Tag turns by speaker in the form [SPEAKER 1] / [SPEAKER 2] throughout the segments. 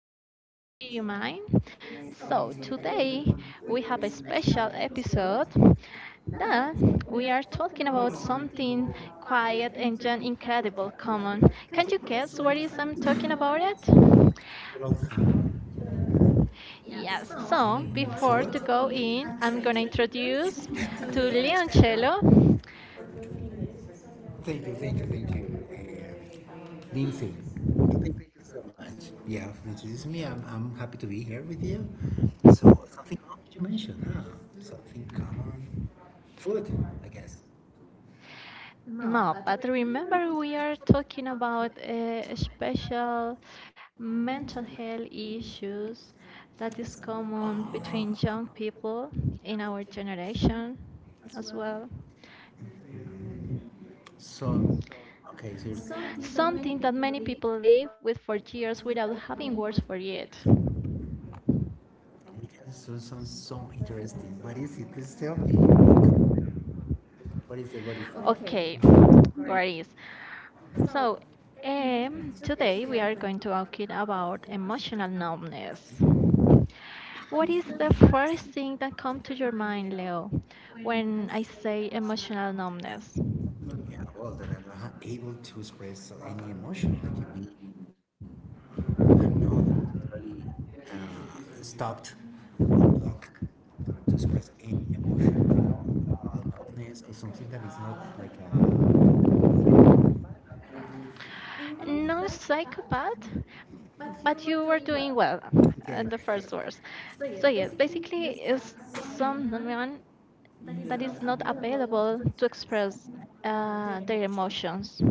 [SPEAKER 1] podcast.
[SPEAKER 2] podcast,
[SPEAKER 1] Do you
[SPEAKER 2] Cinema.
[SPEAKER 1] mind? So,
[SPEAKER 2] So today
[SPEAKER 1] today we
[SPEAKER 2] we
[SPEAKER 1] have
[SPEAKER 2] have
[SPEAKER 1] a
[SPEAKER 2] a
[SPEAKER 1] special
[SPEAKER 2] special episode
[SPEAKER 1] episode that we are talking
[SPEAKER 2] talking
[SPEAKER 1] about
[SPEAKER 2] about something
[SPEAKER 1] something quiet
[SPEAKER 2] quiet
[SPEAKER 1] and
[SPEAKER 2] and
[SPEAKER 1] just incredible
[SPEAKER 2] gentle.
[SPEAKER 1] common. Can you guess
[SPEAKER 2] Yes, were
[SPEAKER 1] what
[SPEAKER 2] you
[SPEAKER 1] is I'm
[SPEAKER 2] something
[SPEAKER 1] talking about
[SPEAKER 2] about it?
[SPEAKER 1] it?
[SPEAKER 2] Welcome.
[SPEAKER 1] Yeah,
[SPEAKER 2] Yes. So
[SPEAKER 1] so
[SPEAKER 2] before we
[SPEAKER 1] before to
[SPEAKER 2] Forward. Go
[SPEAKER 1] go
[SPEAKER 2] in,
[SPEAKER 1] in,
[SPEAKER 2] I'm
[SPEAKER 1] I'm
[SPEAKER 2] gonna
[SPEAKER 1] gonna
[SPEAKER 2] introduce
[SPEAKER 1] introduce to
[SPEAKER 2] today.
[SPEAKER 1] Leoncello.
[SPEAKER 2] Thank you, Lindsay. Thank you so much. Yeah, for introducing me. I'm happy to be here with you. So something common you mentioned, huh? Something common. Food, I guess.
[SPEAKER 1] No,
[SPEAKER 2] No,
[SPEAKER 1] but
[SPEAKER 2] that
[SPEAKER 1] remember we are talking about
[SPEAKER 2] is
[SPEAKER 1] special mental health issues that is common between young people in our generation as
[SPEAKER 2] well.
[SPEAKER 1] well.
[SPEAKER 2] So, okay, so you're, Something
[SPEAKER 1] Something that
[SPEAKER 2] that many
[SPEAKER 1] many
[SPEAKER 2] people
[SPEAKER 1] people
[SPEAKER 2] live
[SPEAKER 1] live
[SPEAKER 2] with
[SPEAKER 1] with
[SPEAKER 2] for
[SPEAKER 1] for
[SPEAKER 2] years
[SPEAKER 1] years
[SPEAKER 2] without
[SPEAKER 1] without
[SPEAKER 2] knowing
[SPEAKER 1] having
[SPEAKER 2] what
[SPEAKER 1] words for
[SPEAKER 2] it
[SPEAKER 1] it.
[SPEAKER 2] is. Yes, so sounds so interesting. What is it? Please tell me. Come- What is it? What is it? Okay,
[SPEAKER 1] Okay,
[SPEAKER 2] great.
[SPEAKER 1] where is? So,
[SPEAKER 2] And today we
[SPEAKER 1] today
[SPEAKER 2] are
[SPEAKER 1] we are
[SPEAKER 2] going to
[SPEAKER 1] going to
[SPEAKER 2] talk
[SPEAKER 1] talk it
[SPEAKER 2] about
[SPEAKER 1] about emotional
[SPEAKER 2] emotional
[SPEAKER 1] numbness.
[SPEAKER 2] tests.
[SPEAKER 1] What is the first thing that comes to your mind, Leo, when I say emotional numbness?
[SPEAKER 2] Yeah, well, that I'm not able to express any emotion, like being really stopped or blocked press A loudness or something that is not like Not
[SPEAKER 1] No
[SPEAKER 2] like that,
[SPEAKER 1] psychopath,
[SPEAKER 2] but
[SPEAKER 1] but
[SPEAKER 2] you
[SPEAKER 1] you
[SPEAKER 2] were
[SPEAKER 1] were
[SPEAKER 2] doing
[SPEAKER 1] doing well at the
[SPEAKER 2] okay,
[SPEAKER 1] first
[SPEAKER 2] okay.
[SPEAKER 1] words.
[SPEAKER 2] So
[SPEAKER 1] So yes,
[SPEAKER 2] basically
[SPEAKER 1] basically,
[SPEAKER 2] it's
[SPEAKER 1] is
[SPEAKER 2] someone
[SPEAKER 1] someone
[SPEAKER 2] that
[SPEAKER 1] that
[SPEAKER 2] is
[SPEAKER 1] is
[SPEAKER 2] not
[SPEAKER 1] not
[SPEAKER 2] available.
[SPEAKER 1] available to express their emotions.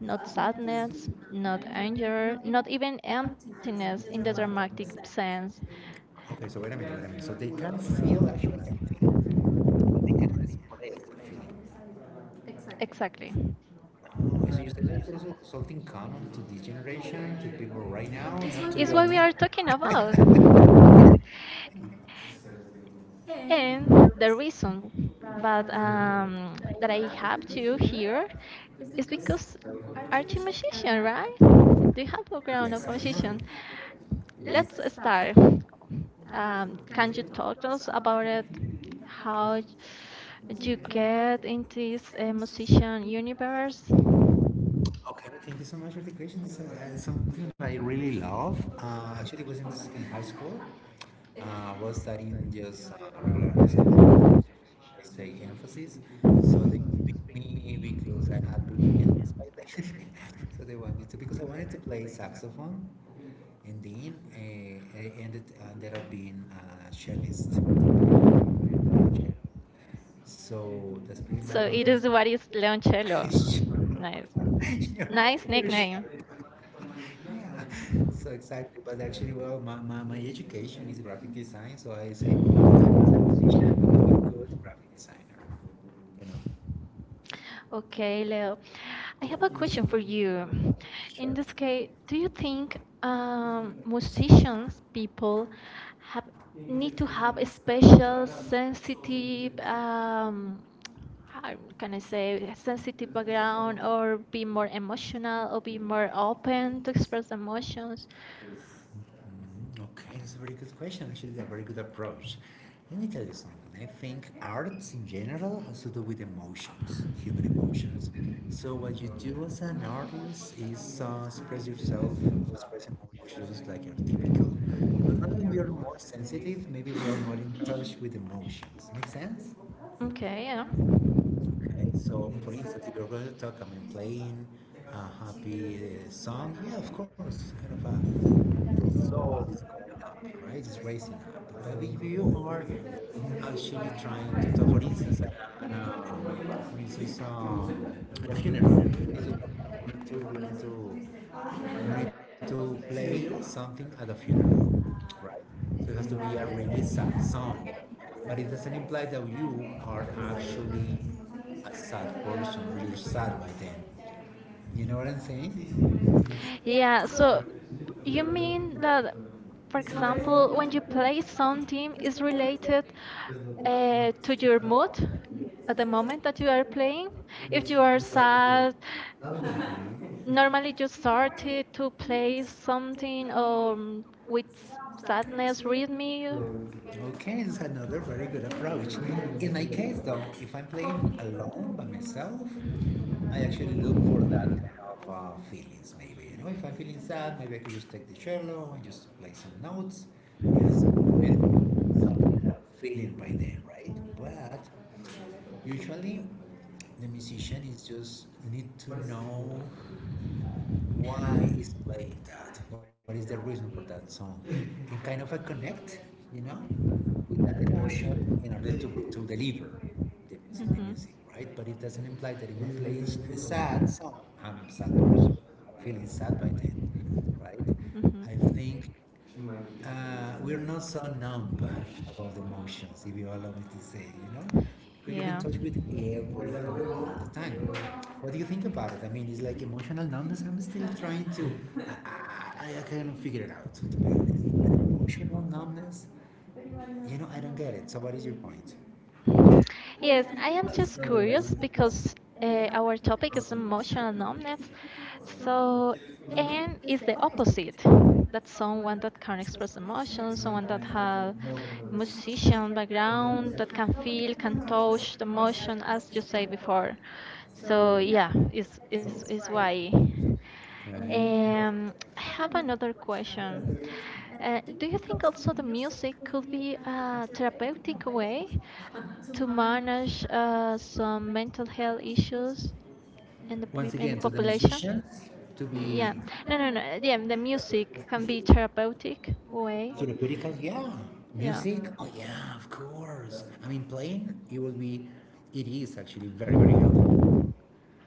[SPEAKER 1] Not
[SPEAKER 2] Sadness,
[SPEAKER 1] sadness, not
[SPEAKER 2] anger,
[SPEAKER 1] anger, not even
[SPEAKER 2] emptiness,
[SPEAKER 1] emptiness in the
[SPEAKER 2] that are lack of
[SPEAKER 1] dramatic
[SPEAKER 2] sex.
[SPEAKER 1] sense.
[SPEAKER 2] Okay, so wait a minute, wait a minute. So they can feel actually they can feel, but they cannot express the feeling.
[SPEAKER 1] Exactly.
[SPEAKER 2] Exactly. Oh, so you said that's also something common to this generation, to people right now,
[SPEAKER 1] It's
[SPEAKER 2] It's not
[SPEAKER 1] what
[SPEAKER 2] what
[SPEAKER 1] we
[SPEAKER 2] to we
[SPEAKER 1] are
[SPEAKER 2] you are and me.
[SPEAKER 1] talking
[SPEAKER 2] Talking about.
[SPEAKER 1] about.
[SPEAKER 2] And
[SPEAKER 1] And the
[SPEAKER 2] the reason
[SPEAKER 1] reason but
[SPEAKER 2] that,
[SPEAKER 1] that I
[SPEAKER 2] that I
[SPEAKER 1] have
[SPEAKER 2] have
[SPEAKER 1] to
[SPEAKER 2] you
[SPEAKER 1] here
[SPEAKER 2] here
[SPEAKER 1] is
[SPEAKER 2] is
[SPEAKER 1] because
[SPEAKER 2] because
[SPEAKER 1] are you
[SPEAKER 2] aren't you Michigan,
[SPEAKER 1] musician, right?
[SPEAKER 2] right?
[SPEAKER 1] Do you have background of
[SPEAKER 2] Yes, I
[SPEAKER 1] musician?
[SPEAKER 2] am.
[SPEAKER 1] Let's
[SPEAKER 2] Let's, This,
[SPEAKER 1] start.
[SPEAKER 2] um,
[SPEAKER 1] Can you
[SPEAKER 2] can you
[SPEAKER 1] talk to
[SPEAKER 2] talk
[SPEAKER 1] us about
[SPEAKER 2] about
[SPEAKER 1] it?
[SPEAKER 2] how you
[SPEAKER 1] How
[SPEAKER 2] get
[SPEAKER 1] you get into this musician
[SPEAKER 2] emotional
[SPEAKER 1] universe?
[SPEAKER 2] universe? Okay, thank you so much for the question. It's something that I really love. Actually, it was in high school. Was studying just regular high school, but I say emphasis. So they just picked me because I had big hands by then. So they wanted me to because I wanted to play saxophone, and then I ended up being a cellist. So that's pretty So much
[SPEAKER 1] So
[SPEAKER 2] what it
[SPEAKER 1] it
[SPEAKER 2] is
[SPEAKER 1] is
[SPEAKER 2] what
[SPEAKER 1] what is Leoncello. Nice,
[SPEAKER 2] yeah, nice and
[SPEAKER 1] nice
[SPEAKER 2] you're name.
[SPEAKER 1] nickname.
[SPEAKER 2] Sure. Yeah. So exactly. But actually, well, my education is graphic design, so I say "Oh, good graphic designer, you know. Okay,
[SPEAKER 1] Okay, Leo.
[SPEAKER 2] Yeah.
[SPEAKER 1] I have a question
[SPEAKER 2] For
[SPEAKER 1] for
[SPEAKER 2] you,
[SPEAKER 1] you.
[SPEAKER 2] Sure.
[SPEAKER 1] In this
[SPEAKER 2] Skye,
[SPEAKER 1] case,
[SPEAKER 2] do
[SPEAKER 1] do
[SPEAKER 2] you
[SPEAKER 1] you
[SPEAKER 2] think
[SPEAKER 1] think
[SPEAKER 2] um,
[SPEAKER 1] musicians, people, have
[SPEAKER 2] we need
[SPEAKER 1] need
[SPEAKER 2] to
[SPEAKER 1] to
[SPEAKER 2] have
[SPEAKER 1] have a
[SPEAKER 2] special
[SPEAKER 1] special
[SPEAKER 2] sensitive,
[SPEAKER 1] sensitive,
[SPEAKER 2] um, how
[SPEAKER 1] how
[SPEAKER 2] can
[SPEAKER 1] can
[SPEAKER 2] I
[SPEAKER 1] I
[SPEAKER 2] say,
[SPEAKER 1] say,
[SPEAKER 2] sensitive
[SPEAKER 1] sensitive
[SPEAKER 2] around
[SPEAKER 1] background,
[SPEAKER 2] or
[SPEAKER 1] or
[SPEAKER 2] be
[SPEAKER 1] be
[SPEAKER 2] more
[SPEAKER 1] more
[SPEAKER 2] emotional, or
[SPEAKER 1] emotional, or
[SPEAKER 2] be
[SPEAKER 1] be
[SPEAKER 2] more
[SPEAKER 1] more
[SPEAKER 2] open
[SPEAKER 1] open
[SPEAKER 2] to
[SPEAKER 1] to
[SPEAKER 2] express
[SPEAKER 1] express
[SPEAKER 2] emotions?
[SPEAKER 1] emotions?
[SPEAKER 2] Okay, that's a very good question. Actually, it's a very good approach. Let me tell you something. I think arts in general has to do with emotions, human emotions. So what you do as an artist is express yourself, express emotions like are typical. It's not that we are more sensitive, maybe we are more in touch with emotions. Make sense? Okay,
[SPEAKER 1] Okay,
[SPEAKER 2] yeah.
[SPEAKER 1] yeah.
[SPEAKER 2] Okay, so for instance, if you're going to talk, I mean, playing a happy song, yeah, of course, kind of a the soul is going up, right? It's raising up. But if you are actually trying to talk, for instance, an for instance, a funeral, we need to, we need to, we need to play something at a funeral, right? So it has to be a really sad song, but it doesn't imply that you are actually a sad person or you're sad by then. You know what I'm saying?
[SPEAKER 1] Yeah,
[SPEAKER 2] So
[SPEAKER 1] so
[SPEAKER 2] you
[SPEAKER 1] you
[SPEAKER 2] mean
[SPEAKER 1] mean
[SPEAKER 2] that
[SPEAKER 1] that, for
[SPEAKER 2] somebody who is
[SPEAKER 1] example, when
[SPEAKER 2] related
[SPEAKER 1] you
[SPEAKER 2] to
[SPEAKER 1] play
[SPEAKER 2] you
[SPEAKER 1] something is related to your mood
[SPEAKER 2] at
[SPEAKER 1] at the
[SPEAKER 2] the moment?
[SPEAKER 1] moment that you are playing? If
[SPEAKER 2] If
[SPEAKER 1] you
[SPEAKER 2] you are
[SPEAKER 1] are
[SPEAKER 2] sad
[SPEAKER 1] sad,
[SPEAKER 2] normally
[SPEAKER 1] normally you
[SPEAKER 2] just started
[SPEAKER 1] started
[SPEAKER 2] to
[SPEAKER 1] to
[SPEAKER 2] play
[SPEAKER 1] play
[SPEAKER 2] something
[SPEAKER 1] something
[SPEAKER 2] with
[SPEAKER 1] with
[SPEAKER 2] sadness
[SPEAKER 1] sadness rhythm.
[SPEAKER 2] rhythmic. Okay, it's another very good approach. In my case, though, if I'm playing alone by myself, I actually look for that kind of feelings, maybe. You know, if I'm feeling sad, maybe I could just take the cello and just play some notes and feel by then, right? But usually, the musician is just need to know why is playing that? What is the reason for that song? And kind of a connect, you know, with that emotion in order to deliver the music, the
[SPEAKER 1] Mm-hmm.
[SPEAKER 2] music, right? But it doesn't imply that if I'm playing a sad song, I'm a sad producer. Feeling sad it, right? I
[SPEAKER 1] Mm-hmm.
[SPEAKER 2] think we're not so numb about emotions, if you allow me to say, you know,
[SPEAKER 1] And
[SPEAKER 2] because you're in touch with everything all the time. What do you think about it? I mean, it's like emotional numbness. I'm still trying to, I can't figure it out, to be honest. Emotional numbness? You know, I don't get it. So, what is your point? Yes,
[SPEAKER 1] yes,
[SPEAKER 2] and
[SPEAKER 1] I am
[SPEAKER 2] I was
[SPEAKER 1] just
[SPEAKER 2] curious
[SPEAKER 1] curious
[SPEAKER 2] because
[SPEAKER 1] because
[SPEAKER 2] our
[SPEAKER 1] our
[SPEAKER 2] topic
[SPEAKER 1] topic
[SPEAKER 2] is
[SPEAKER 1] is
[SPEAKER 2] emotional
[SPEAKER 1] emotional numbness.
[SPEAKER 2] intelligence. So,
[SPEAKER 1] So,
[SPEAKER 2] and
[SPEAKER 1] and
[SPEAKER 2] it's
[SPEAKER 1] is
[SPEAKER 2] the
[SPEAKER 1] the
[SPEAKER 2] opposite.
[SPEAKER 1] opposite that
[SPEAKER 2] Someone
[SPEAKER 1] someone
[SPEAKER 2] that
[SPEAKER 1] that can
[SPEAKER 2] carries those
[SPEAKER 1] express emotions,
[SPEAKER 2] emotions or
[SPEAKER 1] someone that
[SPEAKER 2] that have
[SPEAKER 1] have
[SPEAKER 2] was emotional
[SPEAKER 1] musician
[SPEAKER 2] breakdown
[SPEAKER 1] background,
[SPEAKER 2] that
[SPEAKER 1] that can
[SPEAKER 2] can feel,
[SPEAKER 1] feel, can
[SPEAKER 2] can coach
[SPEAKER 1] touch the
[SPEAKER 2] emotion
[SPEAKER 1] emotion,
[SPEAKER 2] as
[SPEAKER 1] as
[SPEAKER 2] you
[SPEAKER 1] you
[SPEAKER 2] say
[SPEAKER 1] say
[SPEAKER 2] before.
[SPEAKER 1] before. So,
[SPEAKER 2] So, yeah,
[SPEAKER 1] yeah, is
[SPEAKER 2] so
[SPEAKER 1] is
[SPEAKER 2] this is
[SPEAKER 1] is
[SPEAKER 2] why. Okay.
[SPEAKER 1] why.
[SPEAKER 2] Um,
[SPEAKER 1] I
[SPEAKER 2] I have
[SPEAKER 1] have
[SPEAKER 2] another
[SPEAKER 1] another
[SPEAKER 2] question.
[SPEAKER 1] question.
[SPEAKER 2] Uh, do
[SPEAKER 1] Do
[SPEAKER 2] you
[SPEAKER 1] you
[SPEAKER 2] think
[SPEAKER 1] think
[SPEAKER 2] also
[SPEAKER 1] also
[SPEAKER 2] the
[SPEAKER 1] the
[SPEAKER 2] music
[SPEAKER 1] music
[SPEAKER 2] could
[SPEAKER 1] could
[SPEAKER 2] be
[SPEAKER 1] be
[SPEAKER 2] a
[SPEAKER 1] a therapeutic
[SPEAKER 2] therapeutic way
[SPEAKER 1] way?
[SPEAKER 2] to
[SPEAKER 1] To
[SPEAKER 2] manage
[SPEAKER 1] manage
[SPEAKER 2] these
[SPEAKER 1] some mental health
[SPEAKER 2] mental issues
[SPEAKER 1] issues
[SPEAKER 2] in
[SPEAKER 1] in
[SPEAKER 2] Once
[SPEAKER 1] in the
[SPEAKER 2] again, so the
[SPEAKER 1] population.
[SPEAKER 2] population? Musicians to Yeah,
[SPEAKER 1] Yeah,
[SPEAKER 2] be
[SPEAKER 1] no, no, no. Yeah, the
[SPEAKER 2] that could be
[SPEAKER 1] music can be
[SPEAKER 2] something
[SPEAKER 1] therapeutic
[SPEAKER 2] way of
[SPEAKER 1] way.
[SPEAKER 2] therapeutical, yeah.
[SPEAKER 1] Yeah.
[SPEAKER 2] Music, oh yeah, of course. I mean, playing, it will be, it is actually very helpful.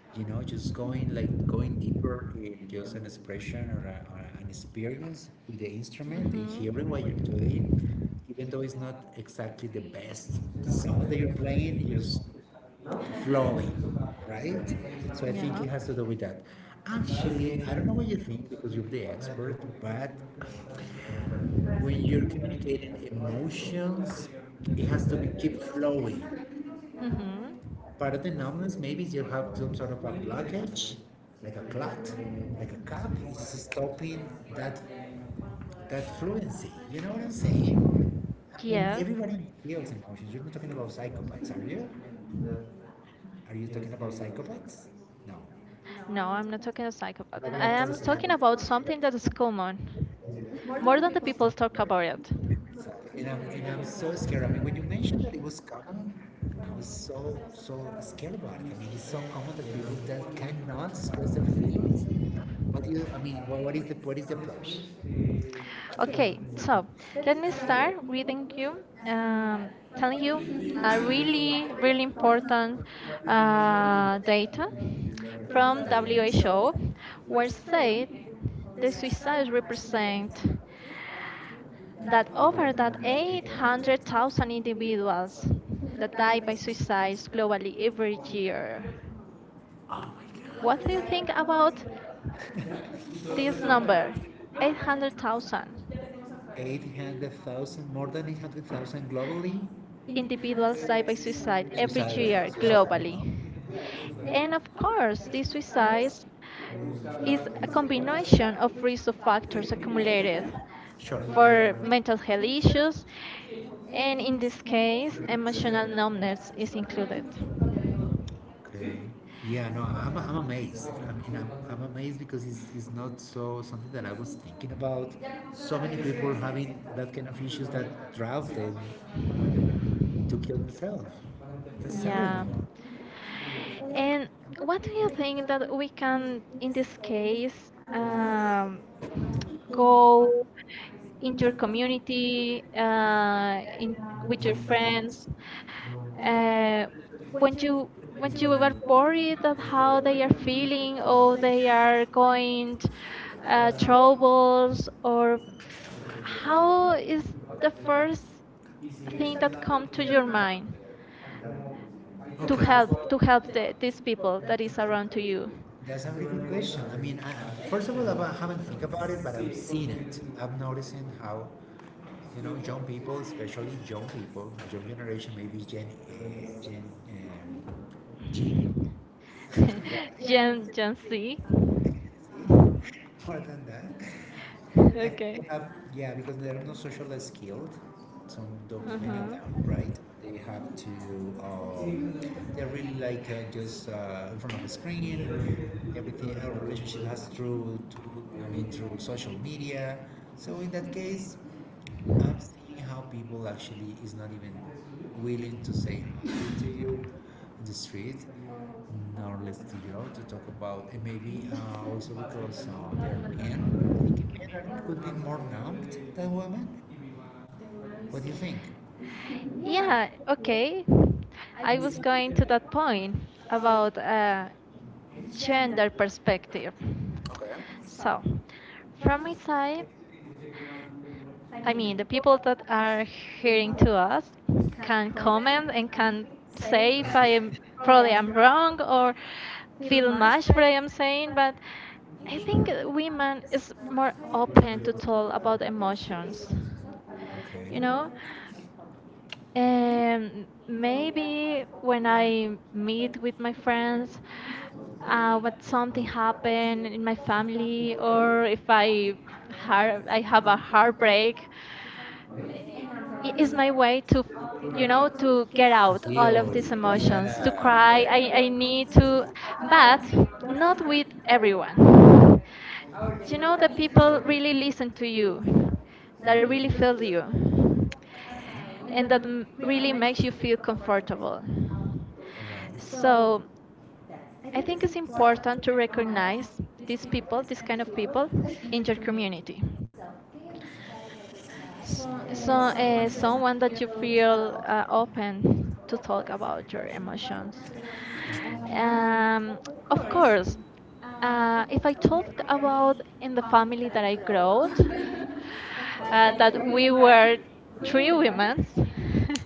[SPEAKER 2] You know, just going like going deeper in just an expression or, a, or an experience with the instrument and
[SPEAKER 1] Mhm.
[SPEAKER 2] hearing what you're doing even though it's not exactly the best song that you're playing, just flowing, right? So I think
[SPEAKER 1] Yeah.
[SPEAKER 2] it has to do with that. Actually, I don't know what you think because you're the expert, but when you're communicating emotions, it has to be keep flowing.
[SPEAKER 1] Mhm.
[SPEAKER 2] Part of the numbness, maybe you have some sort of a blockage, like a clot, like a cup, is stopping that that fluency. You know what I'm saying? I mean, Yeah.
[SPEAKER 1] Yes.
[SPEAKER 2] everybody feels emotions. You're not talking about psychopaths, are you? Are you talking about psychopaths? No. No.
[SPEAKER 1] No, I'm not talking about psychopath. I
[SPEAKER 2] Regular
[SPEAKER 1] am
[SPEAKER 2] person.
[SPEAKER 1] talking about something that is common.
[SPEAKER 2] More
[SPEAKER 1] More
[SPEAKER 2] than
[SPEAKER 1] than
[SPEAKER 2] the
[SPEAKER 1] the
[SPEAKER 2] people.
[SPEAKER 1] people talk about it.
[SPEAKER 2] So- And I'm so scared. I mean, when you mentioned that it was common, I was so scared about it. I mean, it's so common that people that cannot express their feelings. What do you, I mean, what is the, what is the approach? Okay,
[SPEAKER 1] Okay,
[SPEAKER 2] so
[SPEAKER 1] so let me
[SPEAKER 2] let's start.
[SPEAKER 1] start reading you, um, telling
[SPEAKER 2] Some
[SPEAKER 1] you
[SPEAKER 2] things
[SPEAKER 1] a
[SPEAKER 2] are really
[SPEAKER 1] really,
[SPEAKER 2] very
[SPEAKER 1] really
[SPEAKER 2] important.
[SPEAKER 1] important
[SPEAKER 2] Uh,
[SPEAKER 1] data
[SPEAKER 2] from
[SPEAKER 1] from WHO,
[SPEAKER 2] WHO were
[SPEAKER 1] where said
[SPEAKER 2] saying the
[SPEAKER 1] the
[SPEAKER 2] suicide
[SPEAKER 1] suicides
[SPEAKER 2] represents
[SPEAKER 1] represent
[SPEAKER 2] that
[SPEAKER 1] that over that
[SPEAKER 2] 800
[SPEAKER 1] 800,000
[SPEAKER 2] individuals
[SPEAKER 1] individuals that
[SPEAKER 2] die
[SPEAKER 1] die
[SPEAKER 2] every
[SPEAKER 1] by suicides globally every
[SPEAKER 2] year.
[SPEAKER 1] year. What
[SPEAKER 2] What
[SPEAKER 1] do
[SPEAKER 2] is
[SPEAKER 1] you think about
[SPEAKER 2] it about this
[SPEAKER 1] this number?
[SPEAKER 2] number?
[SPEAKER 1] 800,000
[SPEAKER 2] 800,000, more than 800,000 globally individuals
[SPEAKER 1] individuals die
[SPEAKER 2] die
[SPEAKER 1] by
[SPEAKER 2] suicide.
[SPEAKER 1] suicide
[SPEAKER 2] Every
[SPEAKER 1] every
[SPEAKER 2] suicidal.
[SPEAKER 1] year
[SPEAKER 2] Year.
[SPEAKER 1] globally. And of course, these suicides
[SPEAKER 2] This is
[SPEAKER 1] is
[SPEAKER 2] a
[SPEAKER 1] a combination of
[SPEAKER 2] continuation
[SPEAKER 1] risk of factors accumulated
[SPEAKER 2] Sure.
[SPEAKER 1] for mental health issues,
[SPEAKER 2] And
[SPEAKER 1] and
[SPEAKER 2] in
[SPEAKER 1] in
[SPEAKER 2] this
[SPEAKER 1] this
[SPEAKER 2] case,
[SPEAKER 1] case,
[SPEAKER 2] emotional
[SPEAKER 1] emotional numbness is
[SPEAKER 2] numbers
[SPEAKER 1] included.
[SPEAKER 2] Okay. Yeah, no, I'm amazed. I mean, I'm amazed because it's not so something that I was thinking about. So many people having that kind of issues that drive them to kill themselves. That's terrible.
[SPEAKER 1] Yeah.
[SPEAKER 2] And
[SPEAKER 1] And
[SPEAKER 2] what
[SPEAKER 1] what do you
[SPEAKER 2] if,
[SPEAKER 1] think that we
[SPEAKER 2] um,
[SPEAKER 1] can,
[SPEAKER 2] in
[SPEAKER 1] in
[SPEAKER 2] this
[SPEAKER 1] this case,
[SPEAKER 2] case, go
[SPEAKER 1] go
[SPEAKER 2] into your
[SPEAKER 1] into your
[SPEAKER 2] community,
[SPEAKER 1] community,
[SPEAKER 2] uh,
[SPEAKER 1] in
[SPEAKER 2] with
[SPEAKER 1] with
[SPEAKER 2] your
[SPEAKER 1] your
[SPEAKER 2] friends.
[SPEAKER 1] friends,
[SPEAKER 2] Uh,
[SPEAKER 1] uh,
[SPEAKER 2] when
[SPEAKER 1] when
[SPEAKER 2] you
[SPEAKER 1] you
[SPEAKER 2] when
[SPEAKER 1] when
[SPEAKER 2] you
[SPEAKER 1] you
[SPEAKER 2] were
[SPEAKER 1] were
[SPEAKER 2] foreign,
[SPEAKER 1] worried that
[SPEAKER 2] how
[SPEAKER 1] how they are feeling or
[SPEAKER 2] or
[SPEAKER 1] they are going
[SPEAKER 2] uh,
[SPEAKER 1] troubles or
[SPEAKER 2] how
[SPEAKER 1] how is
[SPEAKER 2] how the
[SPEAKER 1] the
[SPEAKER 2] first
[SPEAKER 1] first
[SPEAKER 2] thing
[SPEAKER 1] thing that
[SPEAKER 2] that comes
[SPEAKER 1] come
[SPEAKER 2] to
[SPEAKER 1] to
[SPEAKER 2] your
[SPEAKER 1] your mind?
[SPEAKER 2] mind?
[SPEAKER 1] to
[SPEAKER 2] Okay.
[SPEAKER 1] help to help the, these people that is around to you.
[SPEAKER 2] That's a really good question. I mean, I- first of all, I haven't think about it, but I've seen it. I've noticed how You know, young people, especially young people, young generation, maybe Gen, Gen um, G, right? Gen
[SPEAKER 1] Gen
[SPEAKER 2] Z.
[SPEAKER 1] gen Z.
[SPEAKER 2] More than that, I think
[SPEAKER 1] Okay.
[SPEAKER 2] they have yeah because they're not socially skilled. Some don't, many of
[SPEAKER 1] Uh-huh.
[SPEAKER 2] them, right? They have to. Um, they're really like just in front of a screen. Everything our relationship has through. To, I mean, through social media. So in that case, I'm seeing how people actually is not even willing to say hi to you in the street, nor listen to you to talk about, and maybe also because they're men. I think men are, could be more numbed than women. What do you think? Yeah,
[SPEAKER 1] Yeah, okay.
[SPEAKER 2] I
[SPEAKER 1] I was
[SPEAKER 2] also
[SPEAKER 1] going
[SPEAKER 2] think
[SPEAKER 1] to that point
[SPEAKER 2] about
[SPEAKER 1] about
[SPEAKER 2] gender.
[SPEAKER 1] gender perspective.
[SPEAKER 2] Okay. So,
[SPEAKER 1] So, from
[SPEAKER 2] from
[SPEAKER 1] my side,
[SPEAKER 2] my
[SPEAKER 1] I
[SPEAKER 2] funny. The
[SPEAKER 1] mean, the
[SPEAKER 2] people
[SPEAKER 1] people
[SPEAKER 2] from
[SPEAKER 1] that
[SPEAKER 2] other
[SPEAKER 1] are hearing to us
[SPEAKER 2] can
[SPEAKER 1] can
[SPEAKER 2] comment,
[SPEAKER 1] comment and
[SPEAKER 2] can
[SPEAKER 1] can
[SPEAKER 2] say,
[SPEAKER 1] say if I am
[SPEAKER 2] probably
[SPEAKER 1] probably
[SPEAKER 2] I'm
[SPEAKER 1] I'm
[SPEAKER 2] wrong,
[SPEAKER 1] wrong or
[SPEAKER 2] feel
[SPEAKER 1] feel much what I
[SPEAKER 2] frustrated,
[SPEAKER 1] am saying,
[SPEAKER 2] but I
[SPEAKER 1] but
[SPEAKER 2] think
[SPEAKER 1] I
[SPEAKER 2] we
[SPEAKER 1] think
[SPEAKER 2] are
[SPEAKER 1] women
[SPEAKER 2] just
[SPEAKER 1] is
[SPEAKER 2] not
[SPEAKER 1] more
[SPEAKER 2] quite
[SPEAKER 1] open
[SPEAKER 2] able
[SPEAKER 1] to
[SPEAKER 2] talk
[SPEAKER 1] talk
[SPEAKER 2] about
[SPEAKER 1] about
[SPEAKER 2] emotion based
[SPEAKER 1] emotions.
[SPEAKER 2] on stuff, Okay.
[SPEAKER 1] You
[SPEAKER 2] you know?
[SPEAKER 1] know,
[SPEAKER 2] And
[SPEAKER 1] and
[SPEAKER 2] maybe
[SPEAKER 1] maybe when I
[SPEAKER 2] it
[SPEAKER 1] meet with my friends, what something
[SPEAKER 2] or
[SPEAKER 1] happened in my family, or if I har I have a heartbreak,
[SPEAKER 2] how it's
[SPEAKER 1] is
[SPEAKER 2] my
[SPEAKER 1] my way to,
[SPEAKER 2] you
[SPEAKER 1] you know,
[SPEAKER 2] know,
[SPEAKER 1] to get out
[SPEAKER 2] to
[SPEAKER 1] all of
[SPEAKER 2] Deal.
[SPEAKER 1] these emotions to
[SPEAKER 2] Yeah.
[SPEAKER 1] cry. I need to, but not with
[SPEAKER 2] everyone.
[SPEAKER 1] everyone.
[SPEAKER 2] You
[SPEAKER 1] You know
[SPEAKER 2] know that
[SPEAKER 1] that
[SPEAKER 2] people
[SPEAKER 1] people
[SPEAKER 2] really
[SPEAKER 1] really listen to you,
[SPEAKER 2] you that
[SPEAKER 1] that
[SPEAKER 2] really
[SPEAKER 1] really feel you,
[SPEAKER 2] and
[SPEAKER 1] and
[SPEAKER 2] that
[SPEAKER 1] that
[SPEAKER 2] really
[SPEAKER 1] really
[SPEAKER 2] meant
[SPEAKER 1] makes you feel comfortable.
[SPEAKER 2] right. So
[SPEAKER 1] So
[SPEAKER 2] I
[SPEAKER 1] I
[SPEAKER 2] think
[SPEAKER 1] think
[SPEAKER 2] it's
[SPEAKER 1] it's
[SPEAKER 2] nice
[SPEAKER 1] important to recognize these people, this kind of
[SPEAKER 2] to
[SPEAKER 1] people, in your
[SPEAKER 2] speak
[SPEAKER 1] community.
[SPEAKER 2] so
[SPEAKER 1] So,
[SPEAKER 2] someone
[SPEAKER 1] someone
[SPEAKER 2] that
[SPEAKER 1] that you
[SPEAKER 2] feel
[SPEAKER 1] feel open to talk about your emotions.
[SPEAKER 2] um,
[SPEAKER 1] Um,
[SPEAKER 2] of
[SPEAKER 1] of
[SPEAKER 2] course
[SPEAKER 1] course,
[SPEAKER 2] if
[SPEAKER 1] if
[SPEAKER 2] I
[SPEAKER 1] I talked
[SPEAKER 2] talk about
[SPEAKER 1] about in
[SPEAKER 2] the
[SPEAKER 1] the
[SPEAKER 2] family that
[SPEAKER 1] family
[SPEAKER 2] I
[SPEAKER 1] that I
[SPEAKER 2] grow
[SPEAKER 1] grew up,
[SPEAKER 2] that, I
[SPEAKER 1] that we were
[SPEAKER 2] we
[SPEAKER 1] three
[SPEAKER 2] were
[SPEAKER 1] women.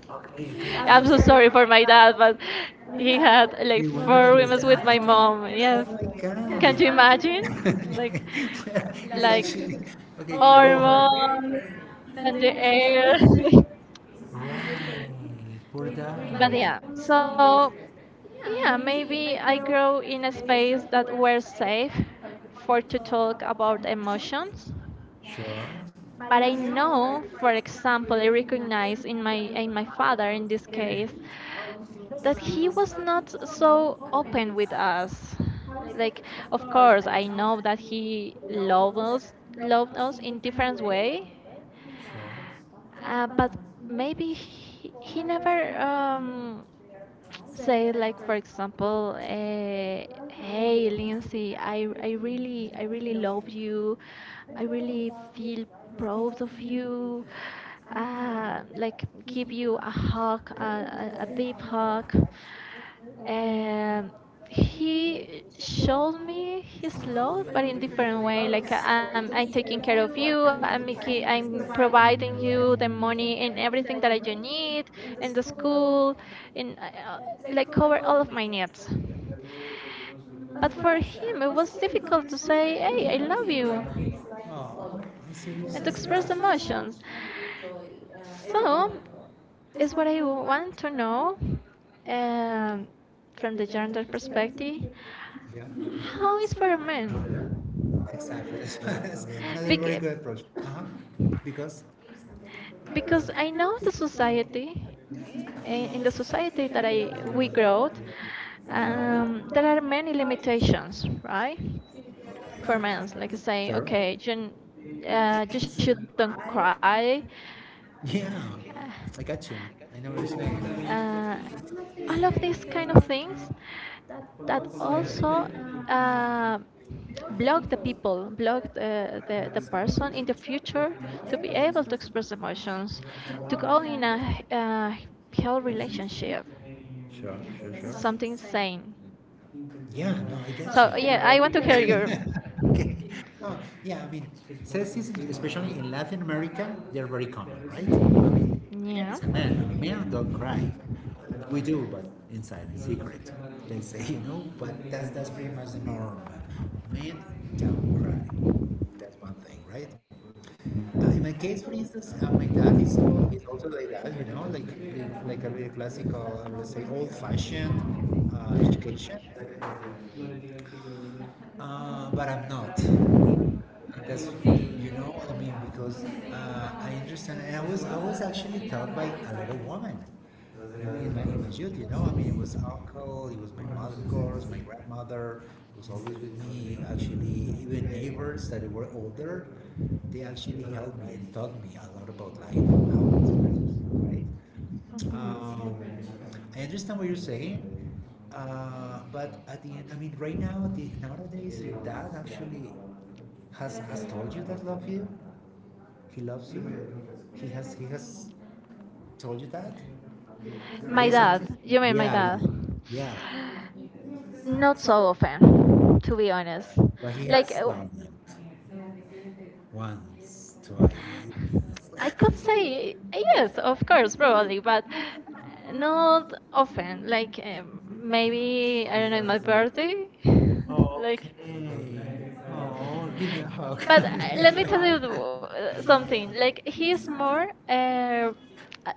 [SPEAKER 2] Okay.
[SPEAKER 1] I'm
[SPEAKER 2] Okay.
[SPEAKER 1] so sorry for my dad, but he had
[SPEAKER 2] Do
[SPEAKER 1] like
[SPEAKER 2] you
[SPEAKER 1] four
[SPEAKER 2] remember
[SPEAKER 1] women with my
[SPEAKER 2] Oh
[SPEAKER 1] mom. Yes,
[SPEAKER 2] my
[SPEAKER 1] can you
[SPEAKER 2] god.
[SPEAKER 1] imagine?
[SPEAKER 2] Well,
[SPEAKER 1] Like,
[SPEAKER 2] it's
[SPEAKER 1] like
[SPEAKER 2] actually okay. Go
[SPEAKER 1] hormones
[SPEAKER 2] on. And
[SPEAKER 1] and
[SPEAKER 2] the
[SPEAKER 1] the
[SPEAKER 2] hair.
[SPEAKER 1] air.
[SPEAKER 2] Right, for But yeah, that.
[SPEAKER 1] But
[SPEAKER 2] Yeah,
[SPEAKER 1] yeah,
[SPEAKER 2] so
[SPEAKER 1] so
[SPEAKER 2] yeah,
[SPEAKER 1] yeah,
[SPEAKER 2] maybe I
[SPEAKER 1] maybe I
[SPEAKER 2] grow
[SPEAKER 1] grow in a
[SPEAKER 2] face that
[SPEAKER 1] space that
[SPEAKER 2] were
[SPEAKER 1] were
[SPEAKER 2] fake,
[SPEAKER 1] safe for to talk about emotions.
[SPEAKER 2] Sure. But I
[SPEAKER 1] But I
[SPEAKER 2] know, for
[SPEAKER 1] know, for
[SPEAKER 2] example,
[SPEAKER 1] example,
[SPEAKER 2] every
[SPEAKER 1] I recognize in my
[SPEAKER 2] time
[SPEAKER 1] in
[SPEAKER 2] I
[SPEAKER 1] my
[SPEAKER 2] follow
[SPEAKER 1] father in this
[SPEAKER 2] her,
[SPEAKER 1] case
[SPEAKER 2] she
[SPEAKER 1] that he
[SPEAKER 2] was not
[SPEAKER 1] was not
[SPEAKER 2] so
[SPEAKER 1] so
[SPEAKER 2] open with
[SPEAKER 1] open with
[SPEAKER 2] us.
[SPEAKER 1] us.
[SPEAKER 2] Like,
[SPEAKER 1] Like,
[SPEAKER 2] of
[SPEAKER 1] of
[SPEAKER 2] course,
[SPEAKER 1] course,
[SPEAKER 2] I
[SPEAKER 1] I
[SPEAKER 2] know that
[SPEAKER 1] know that he
[SPEAKER 2] he loves us, loves
[SPEAKER 1] loved
[SPEAKER 2] us
[SPEAKER 1] us
[SPEAKER 2] in
[SPEAKER 1] in
[SPEAKER 2] different
[SPEAKER 1] different
[SPEAKER 2] ways.
[SPEAKER 1] way,
[SPEAKER 2] Sure.
[SPEAKER 1] but
[SPEAKER 2] But
[SPEAKER 1] maybe he never
[SPEAKER 2] um, say,
[SPEAKER 1] say like for example
[SPEAKER 2] hey,
[SPEAKER 1] hey,
[SPEAKER 2] Liz,
[SPEAKER 1] Lindsay, i
[SPEAKER 2] I
[SPEAKER 1] i really, I
[SPEAKER 2] really
[SPEAKER 1] really love you. I really
[SPEAKER 2] love you.
[SPEAKER 1] feel
[SPEAKER 2] I really
[SPEAKER 1] proud
[SPEAKER 2] of
[SPEAKER 1] of
[SPEAKER 2] you.
[SPEAKER 1] you.
[SPEAKER 2] Ah,
[SPEAKER 1] Uh, like
[SPEAKER 2] like
[SPEAKER 1] give
[SPEAKER 2] he,
[SPEAKER 1] you a hug,
[SPEAKER 2] uh,
[SPEAKER 1] a
[SPEAKER 2] very
[SPEAKER 1] deep
[SPEAKER 2] hard.
[SPEAKER 1] hug. Um, he showed
[SPEAKER 2] And
[SPEAKER 1] me his love but in
[SPEAKER 2] in different
[SPEAKER 1] different
[SPEAKER 2] way,
[SPEAKER 1] way,
[SPEAKER 2] like
[SPEAKER 1] like
[SPEAKER 2] I'm
[SPEAKER 1] I'm
[SPEAKER 2] taking
[SPEAKER 1] taking
[SPEAKER 2] care of
[SPEAKER 1] care
[SPEAKER 2] you,
[SPEAKER 1] of you,
[SPEAKER 2] I'm
[SPEAKER 1] I'm
[SPEAKER 2] providing you
[SPEAKER 1] providing
[SPEAKER 2] the
[SPEAKER 1] you the
[SPEAKER 2] money and
[SPEAKER 1] money and
[SPEAKER 2] everything that I
[SPEAKER 1] everything
[SPEAKER 2] do
[SPEAKER 1] that you
[SPEAKER 2] need,
[SPEAKER 1] need
[SPEAKER 2] in the
[SPEAKER 1] and the
[SPEAKER 2] school,
[SPEAKER 1] school and
[SPEAKER 2] uh, like
[SPEAKER 1] like
[SPEAKER 2] cover
[SPEAKER 1] cover
[SPEAKER 2] all of my
[SPEAKER 1] all of my
[SPEAKER 2] needs.
[SPEAKER 1] needs.
[SPEAKER 2] But
[SPEAKER 1] But
[SPEAKER 2] for
[SPEAKER 1] for
[SPEAKER 2] us, it
[SPEAKER 1] him it
[SPEAKER 2] was
[SPEAKER 1] was
[SPEAKER 2] difficult to
[SPEAKER 1] difficult to
[SPEAKER 2] say,
[SPEAKER 1] say
[SPEAKER 2] and
[SPEAKER 1] hey
[SPEAKER 2] it
[SPEAKER 1] I
[SPEAKER 2] was
[SPEAKER 1] love you
[SPEAKER 2] like feels like, oh, are you serious?
[SPEAKER 1] and to express
[SPEAKER 2] Express emotions
[SPEAKER 1] emotions.
[SPEAKER 2] and enjoy so, every
[SPEAKER 1] So
[SPEAKER 2] moment. So, that's
[SPEAKER 1] is
[SPEAKER 2] what
[SPEAKER 1] what I
[SPEAKER 2] I want
[SPEAKER 1] want to
[SPEAKER 2] to know,
[SPEAKER 1] know, um, from
[SPEAKER 2] from
[SPEAKER 1] the
[SPEAKER 2] their
[SPEAKER 1] gender
[SPEAKER 2] perspective.
[SPEAKER 1] perspective
[SPEAKER 2] Yeah.
[SPEAKER 1] how is for a man.
[SPEAKER 2] Exactly. That's another
[SPEAKER 1] Bec-
[SPEAKER 2] very good approach. Uh-huh. Because Because
[SPEAKER 1] because I know the society,
[SPEAKER 2] in
[SPEAKER 1] in
[SPEAKER 2] the
[SPEAKER 1] the
[SPEAKER 2] society
[SPEAKER 1] society that
[SPEAKER 2] that we
[SPEAKER 1] I we grow,
[SPEAKER 2] grow, there
[SPEAKER 1] there are
[SPEAKER 2] are
[SPEAKER 1] many
[SPEAKER 2] many limitations.
[SPEAKER 1] limitations, right? For men, like saying,
[SPEAKER 2] Sure. Okay,
[SPEAKER 1] okay,
[SPEAKER 2] you
[SPEAKER 1] you shouldn't
[SPEAKER 2] shouldn't cry.
[SPEAKER 1] cry, uh,
[SPEAKER 2] Yeah, I got you. I know what you're saying.
[SPEAKER 1] uh,
[SPEAKER 2] Some
[SPEAKER 1] all of
[SPEAKER 2] of these
[SPEAKER 1] these kind of
[SPEAKER 2] kind of
[SPEAKER 1] things
[SPEAKER 2] things that
[SPEAKER 1] that
[SPEAKER 2] also love
[SPEAKER 1] also
[SPEAKER 2] the
[SPEAKER 1] uh, block the
[SPEAKER 2] people,
[SPEAKER 1] people, block the
[SPEAKER 2] the person
[SPEAKER 1] person
[SPEAKER 2] in
[SPEAKER 1] in the
[SPEAKER 2] the future,
[SPEAKER 1] future to
[SPEAKER 2] the
[SPEAKER 1] be
[SPEAKER 2] way of
[SPEAKER 1] able to
[SPEAKER 2] this
[SPEAKER 1] express
[SPEAKER 2] person.
[SPEAKER 1] emotions,
[SPEAKER 2] To
[SPEAKER 1] to go
[SPEAKER 2] open
[SPEAKER 1] in a, uh,
[SPEAKER 2] a
[SPEAKER 1] healthy
[SPEAKER 2] relationship.
[SPEAKER 1] relationship,
[SPEAKER 2] Sure, sure, sure. Something
[SPEAKER 1] something
[SPEAKER 2] saying.
[SPEAKER 1] sane.
[SPEAKER 2] Yeah, no, I get so, you.
[SPEAKER 1] So yeah,
[SPEAKER 2] Yeah, I
[SPEAKER 1] I want to hear your.
[SPEAKER 2] wonder. Okay. Oh, yeah, I mean, sexism, especially in Latin America, they're very common, right? I mean, man
[SPEAKER 1] Yeah.
[SPEAKER 2] is a
[SPEAKER 1] Mhm.
[SPEAKER 2] man. Men don't cry. We do, but inside, in secret. They say, you know, but that's pretty much the norm. Men don't cry. That's one thing, right? In my case, for instance, my dad is, is also like that, you know, like a really classical, let's say, old-fashioned education. But I'm not. That's you know I mean because I understand and I was actually taught by a little woman in my youth you know I mean it was uncle it was my mother of course my grandmother was always with me actually even neighbors that were older they actually helped me and taught me a lot about life how to express yourself right. um, I understand what you're saying. But at the end I mean right now the, nowadays that actually has told you that love you? He loves you. He has told you that
[SPEAKER 1] My dad.
[SPEAKER 2] recently.
[SPEAKER 1] You mean my
[SPEAKER 2] Yeah,
[SPEAKER 1] dad?
[SPEAKER 2] yeah,
[SPEAKER 1] Not
[SPEAKER 2] yeah.
[SPEAKER 1] so often, to be
[SPEAKER 2] Uh,
[SPEAKER 1] honest.
[SPEAKER 2] but he
[SPEAKER 1] Like
[SPEAKER 2] has done it once, twice.
[SPEAKER 1] I could
[SPEAKER 2] Say
[SPEAKER 1] say yes, of course, probably, but
[SPEAKER 2] no
[SPEAKER 1] not often.
[SPEAKER 2] like
[SPEAKER 1] Like
[SPEAKER 2] maybe
[SPEAKER 1] maybe I
[SPEAKER 2] I
[SPEAKER 1] don't know, in my
[SPEAKER 2] don't know.
[SPEAKER 1] birthday, like.
[SPEAKER 2] Okay. Oh, give me a hug.
[SPEAKER 1] But let me tell
[SPEAKER 2] Like
[SPEAKER 1] you the
[SPEAKER 2] something
[SPEAKER 1] something.
[SPEAKER 2] like
[SPEAKER 1] Like he
[SPEAKER 2] he's
[SPEAKER 1] is more
[SPEAKER 2] more
[SPEAKER 1] uh,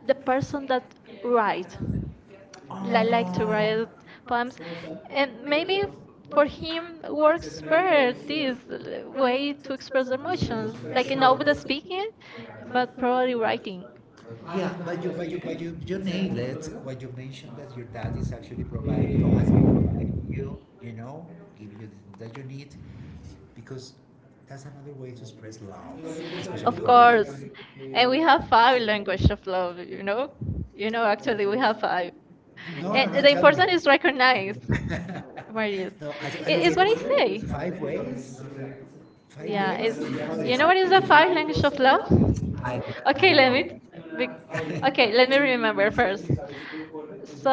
[SPEAKER 2] the
[SPEAKER 1] the
[SPEAKER 2] person
[SPEAKER 1] person that
[SPEAKER 2] that writes.
[SPEAKER 1] write,
[SPEAKER 2] Oh. That
[SPEAKER 1] like to
[SPEAKER 2] like
[SPEAKER 1] write poems,
[SPEAKER 2] to write and
[SPEAKER 1] and
[SPEAKER 2] maybe
[SPEAKER 1] maybe
[SPEAKER 2] for
[SPEAKER 1] for
[SPEAKER 2] him
[SPEAKER 1] him
[SPEAKER 2] works
[SPEAKER 1] works
[SPEAKER 2] better
[SPEAKER 1] better
[SPEAKER 2] is
[SPEAKER 1] this
[SPEAKER 2] way
[SPEAKER 1] way
[SPEAKER 2] to
[SPEAKER 1] to
[SPEAKER 2] express
[SPEAKER 1] express
[SPEAKER 2] emotions
[SPEAKER 1] emotions, like
[SPEAKER 2] maybe
[SPEAKER 1] not
[SPEAKER 2] not
[SPEAKER 1] with the speaking,
[SPEAKER 2] but
[SPEAKER 1] but
[SPEAKER 2] probably
[SPEAKER 1] probably
[SPEAKER 2] writing.
[SPEAKER 1] writing.
[SPEAKER 2] Yeah, but you, you nailed it. What you mentioned that your dad is actually providing you, you know, give you that you need, because that's another way to express love. Of
[SPEAKER 1] Of
[SPEAKER 2] course.
[SPEAKER 1] course. And
[SPEAKER 2] And we
[SPEAKER 1] we have
[SPEAKER 2] have
[SPEAKER 1] five
[SPEAKER 2] five
[SPEAKER 1] language
[SPEAKER 2] languages.
[SPEAKER 1] of love, you know?
[SPEAKER 2] You
[SPEAKER 1] You know,
[SPEAKER 2] know, actually,
[SPEAKER 1] actually we
[SPEAKER 2] we
[SPEAKER 1] have
[SPEAKER 2] have five.
[SPEAKER 1] five.
[SPEAKER 2] No, no,
[SPEAKER 1] And
[SPEAKER 2] and no,
[SPEAKER 1] the
[SPEAKER 2] the tell
[SPEAKER 1] important
[SPEAKER 2] important me.
[SPEAKER 1] is
[SPEAKER 2] Is
[SPEAKER 1] recognize
[SPEAKER 2] recognized.
[SPEAKER 1] what it is.
[SPEAKER 2] No, I
[SPEAKER 1] It
[SPEAKER 2] don't
[SPEAKER 1] is what
[SPEAKER 2] get
[SPEAKER 1] I
[SPEAKER 2] really- it.
[SPEAKER 1] say.
[SPEAKER 2] Five ways? Five, yeah,
[SPEAKER 1] Yeah, it's,
[SPEAKER 2] ways? Yeah. Yeah. You know no, what
[SPEAKER 1] you
[SPEAKER 2] is
[SPEAKER 1] know what is
[SPEAKER 2] the
[SPEAKER 1] the
[SPEAKER 2] five
[SPEAKER 1] five
[SPEAKER 2] language
[SPEAKER 1] language
[SPEAKER 2] of
[SPEAKER 1] of love?
[SPEAKER 2] love? I don't, I,
[SPEAKER 1] Okay,
[SPEAKER 2] okay,
[SPEAKER 1] let
[SPEAKER 2] let
[SPEAKER 1] me
[SPEAKER 2] me.
[SPEAKER 1] be, okay,
[SPEAKER 2] Okay,
[SPEAKER 1] let me
[SPEAKER 2] let me
[SPEAKER 1] remember
[SPEAKER 2] remember.
[SPEAKER 1] first.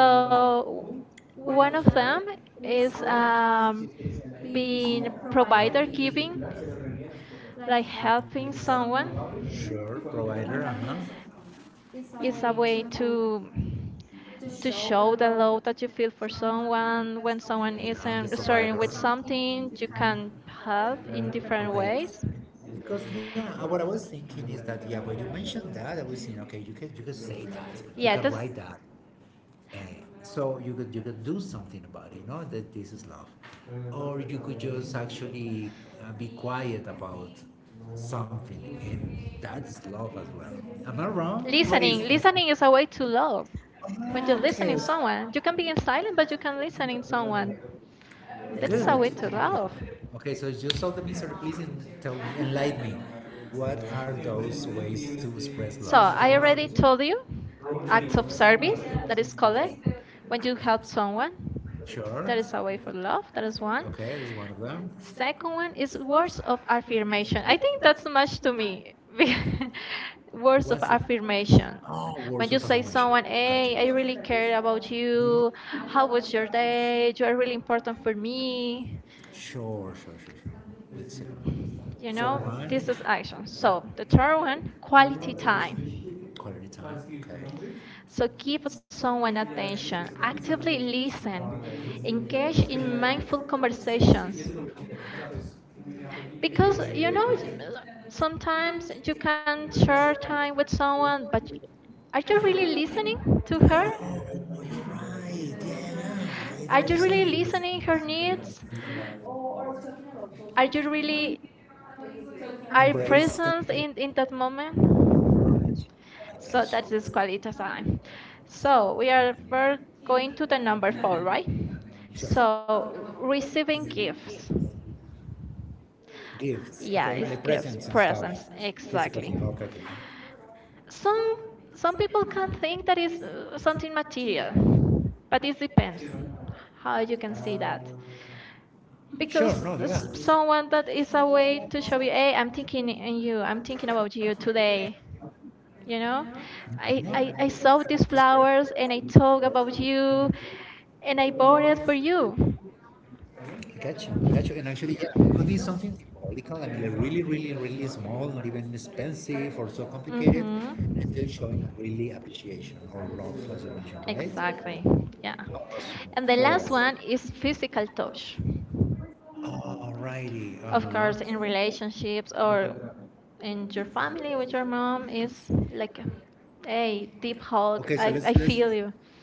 [SPEAKER 2] So, one
[SPEAKER 1] one of
[SPEAKER 2] of
[SPEAKER 1] them
[SPEAKER 2] them is
[SPEAKER 1] is being
[SPEAKER 2] the
[SPEAKER 1] provider,
[SPEAKER 2] provider
[SPEAKER 1] giving,
[SPEAKER 2] keeping,
[SPEAKER 1] like
[SPEAKER 2] like
[SPEAKER 1] helping
[SPEAKER 2] helping
[SPEAKER 1] someone
[SPEAKER 2] someone. Sure, provider, uh-huh.
[SPEAKER 1] is a way
[SPEAKER 2] Way
[SPEAKER 1] to
[SPEAKER 2] to
[SPEAKER 1] show
[SPEAKER 2] show
[SPEAKER 1] the love that you feel for someone.
[SPEAKER 2] someone
[SPEAKER 1] When
[SPEAKER 2] when
[SPEAKER 1] someone
[SPEAKER 2] someone
[SPEAKER 1] isn't
[SPEAKER 2] is the
[SPEAKER 1] starting with
[SPEAKER 2] provider. Something
[SPEAKER 1] something you
[SPEAKER 2] you can
[SPEAKER 1] can
[SPEAKER 2] help.
[SPEAKER 1] help in different
[SPEAKER 2] Okay.
[SPEAKER 1] ways.
[SPEAKER 2] Because yeah, what I was thinking is that yeah, when you mentioned that, I was thinking, okay, you can say that, you yes.
[SPEAKER 1] Yeah,
[SPEAKER 2] Can yes.
[SPEAKER 1] that's,
[SPEAKER 2] Write that, eh, so you could do something about it, you know that this is love, or you could just actually be quiet about something, and that is love as well. Am I wrong? Listen, what is?
[SPEAKER 1] listening,
[SPEAKER 2] Listen, listen.
[SPEAKER 1] listening is a way to love. When
[SPEAKER 2] Oh, listen,
[SPEAKER 1] you're
[SPEAKER 2] okay,
[SPEAKER 1] listening to
[SPEAKER 2] listen,
[SPEAKER 1] someone you
[SPEAKER 2] you
[SPEAKER 1] can
[SPEAKER 2] can
[SPEAKER 1] be
[SPEAKER 2] be
[SPEAKER 1] in silent,
[SPEAKER 2] silent,
[SPEAKER 1] but
[SPEAKER 2] but
[SPEAKER 1] you
[SPEAKER 2] you can
[SPEAKER 1] can
[SPEAKER 2] listen
[SPEAKER 1] listen in
[SPEAKER 2] to someone.
[SPEAKER 1] someone.
[SPEAKER 2] That's
[SPEAKER 1] That is a
[SPEAKER 2] good.
[SPEAKER 1] way
[SPEAKER 2] Nice,
[SPEAKER 1] to
[SPEAKER 2] okay,
[SPEAKER 1] love.
[SPEAKER 2] right? Okay. So just solve the mystery, please, and tell me, enlighten me. What are those ways to express so
[SPEAKER 1] So
[SPEAKER 2] love? I
[SPEAKER 1] I
[SPEAKER 2] already
[SPEAKER 1] already
[SPEAKER 2] told
[SPEAKER 1] told you
[SPEAKER 2] acts
[SPEAKER 1] acts
[SPEAKER 2] of
[SPEAKER 1] of
[SPEAKER 2] service
[SPEAKER 1] service
[SPEAKER 2] that
[SPEAKER 1] that is
[SPEAKER 2] is called.
[SPEAKER 1] called, when you help someone.
[SPEAKER 2] Sure.
[SPEAKER 1] That
[SPEAKER 2] That is
[SPEAKER 1] is a
[SPEAKER 2] a
[SPEAKER 1] way for
[SPEAKER 2] way.
[SPEAKER 1] love. That is one.
[SPEAKER 2] Okay, is one of them.
[SPEAKER 1] Second one is words of
[SPEAKER 2] You
[SPEAKER 1] affirmation. I
[SPEAKER 2] I
[SPEAKER 1] think
[SPEAKER 2] think
[SPEAKER 1] that's
[SPEAKER 2] that's
[SPEAKER 1] much to
[SPEAKER 2] to
[SPEAKER 1] me. be-
[SPEAKER 2] me. Words
[SPEAKER 1] Words of
[SPEAKER 2] what's of, it?
[SPEAKER 1] affirmation.
[SPEAKER 2] Oh
[SPEAKER 1] When
[SPEAKER 2] words
[SPEAKER 1] you
[SPEAKER 2] of you
[SPEAKER 1] say
[SPEAKER 2] affirmation? So
[SPEAKER 1] someone,
[SPEAKER 2] gotcha.
[SPEAKER 1] "Hey, I really
[SPEAKER 2] Gotcha,
[SPEAKER 1] care
[SPEAKER 2] gotcha.
[SPEAKER 1] about you. How was your day? You are really important for me."
[SPEAKER 2] Sure, sure, sure, sure. Let's see.
[SPEAKER 1] You know,
[SPEAKER 2] Third one,
[SPEAKER 1] this is action. So
[SPEAKER 2] so,
[SPEAKER 1] the third one,
[SPEAKER 2] turn
[SPEAKER 1] quality
[SPEAKER 2] quality
[SPEAKER 1] time.
[SPEAKER 2] time. Quality time. Okay.
[SPEAKER 1] So
[SPEAKER 2] So
[SPEAKER 1] give
[SPEAKER 2] keep
[SPEAKER 1] someone
[SPEAKER 2] someone
[SPEAKER 1] attention,
[SPEAKER 2] attention,
[SPEAKER 1] actively
[SPEAKER 2] actively
[SPEAKER 1] listen,
[SPEAKER 2] listen,
[SPEAKER 1] engage
[SPEAKER 2] engage
[SPEAKER 1] in
[SPEAKER 2] in
[SPEAKER 1] mindful
[SPEAKER 2] mindful conversation.
[SPEAKER 1] conversations. Because
[SPEAKER 2] Because
[SPEAKER 1] you
[SPEAKER 2] you
[SPEAKER 1] know,
[SPEAKER 2] know,
[SPEAKER 1] sometimes you can
[SPEAKER 2] sometimes
[SPEAKER 1] share time with someone, but
[SPEAKER 2] I
[SPEAKER 1] are you really
[SPEAKER 2] think
[SPEAKER 1] listening to
[SPEAKER 2] I
[SPEAKER 1] her?
[SPEAKER 2] know, no, you're right. Yeah, yeah. I don't I
[SPEAKER 1] Are you really
[SPEAKER 2] didn't did really
[SPEAKER 1] listening her needs? Are
[SPEAKER 2] I did
[SPEAKER 1] you
[SPEAKER 2] really
[SPEAKER 1] really are
[SPEAKER 2] embrace
[SPEAKER 1] present
[SPEAKER 2] it.
[SPEAKER 1] in that moment? So
[SPEAKER 2] So
[SPEAKER 1] that is quality time. So we
[SPEAKER 2] we
[SPEAKER 1] are
[SPEAKER 2] are we
[SPEAKER 1] we're
[SPEAKER 2] are
[SPEAKER 1] going to the
[SPEAKER 2] the
[SPEAKER 1] number four,
[SPEAKER 2] number.
[SPEAKER 1] right?
[SPEAKER 2] Sure.
[SPEAKER 1] So
[SPEAKER 2] So
[SPEAKER 1] receiving
[SPEAKER 2] receiving gifts.
[SPEAKER 1] gifts.
[SPEAKER 2] Gifts, okay, yeah.
[SPEAKER 1] Yeah,
[SPEAKER 2] Like
[SPEAKER 1] it's
[SPEAKER 2] presents and
[SPEAKER 1] gifts,
[SPEAKER 2] stuff. Yes.
[SPEAKER 1] presents,
[SPEAKER 2] Physical thing, okay, okay.
[SPEAKER 1] exactly.
[SPEAKER 2] Some
[SPEAKER 1] Some
[SPEAKER 2] some
[SPEAKER 1] some
[SPEAKER 2] people
[SPEAKER 1] people can
[SPEAKER 2] can't take
[SPEAKER 1] think that
[SPEAKER 2] these
[SPEAKER 1] is
[SPEAKER 2] some
[SPEAKER 1] something
[SPEAKER 2] criteria,
[SPEAKER 1] material,
[SPEAKER 2] but
[SPEAKER 1] but
[SPEAKER 2] it
[SPEAKER 1] it depends
[SPEAKER 2] depends how
[SPEAKER 1] how
[SPEAKER 2] you
[SPEAKER 1] you
[SPEAKER 2] can
[SPEAKER 1] can
[SPEAKER 2] see
[SPEAKER 1] see
[SPEAKER 2] that.
[SPEAKER 1] that.
[SPEAKER 2] Sure,
[SPEAKER 1] Because
[SPEAKER 2] no, yeah. Someone
[SPEAKER 1] someone that
[SPEAKER 2] that is a
[SPEAKER 1] is a way
[SPEAKER 2] way to
[SPEAKER 1] to
[SPEAKER 2] show
[SPEAKER 1] show you,
[SPEAKER 2] you
[SPEAKER 1] hey, I'm thinking in you,
[SPEAKER 2] an
[SPEAKER 1] I'm
[SPEAKER 2] antipathy,
[SPEAKER 1] thinking about
[SPEAKER 2] antipathy
[SPEAKER 1] you
[SPEAKER 2] today,
[SPEAKER 1] today. You
[SPEAKER 2] you know.
[SPEAKER 1] know,
[SPEAKER 2] Yeah. And I
[SPEAKER 1] I
[SPEAKER 2] think
[SPEAKER 1] saw these flowers and
[SPEAKER 2] self-destructors,
[SPEAKER 1] I
[SPEAKER 2] who are
[SPEAKER 1] talk
[SPEAKER 2] from-
[SPEAKER 1] about you and I
[SPEAKER 2] who
[SPEAKER 1] bought it
[SPEAKER 2] always
[SPEAKER 1] for
[SPEAKER 2] do.
[SPEAKER 1] you.
[SPEAKER 2] I got you. I got you. And actually, yeah, it could be something symbolical. I mean, like really, really, really small, not even expensive or so
[SPEAKER 1] But
[SPEAKER 2] complicated, and still
[SPEAKER 1] mm-hmm.
[SPEAKER 2] showing really appreciation or
[SPEAKER 1] Right.
[SPEAKER 2] love, as you mentioned, right?
[SPEAKER 1] Exactly. Yeah.
[SPEAKER 2] Awesome. And
[SPEAKER 1] And the last
[SPEAKER 2] four.
[SPEAKER 1] one is physical touch.
[SPEAKER 2] Alrighty. Uh
[SPEAKER 1] Of course, in
[SPEAKER 2] huh.
[SPEAKER 1] relationships or in your family with your mom is like,
[SPEAKER 2] Like, hey,
[SPEAKER 1] hey, deep
[SPEAKER 2] okay,
[SPEAKER 1] hug.
[SPEAKER 2] so
[SPEAKER 1] I
[SPEAKER 2] let's
[SPEAKER 1] feel you.
[SPEAKER 2] okay,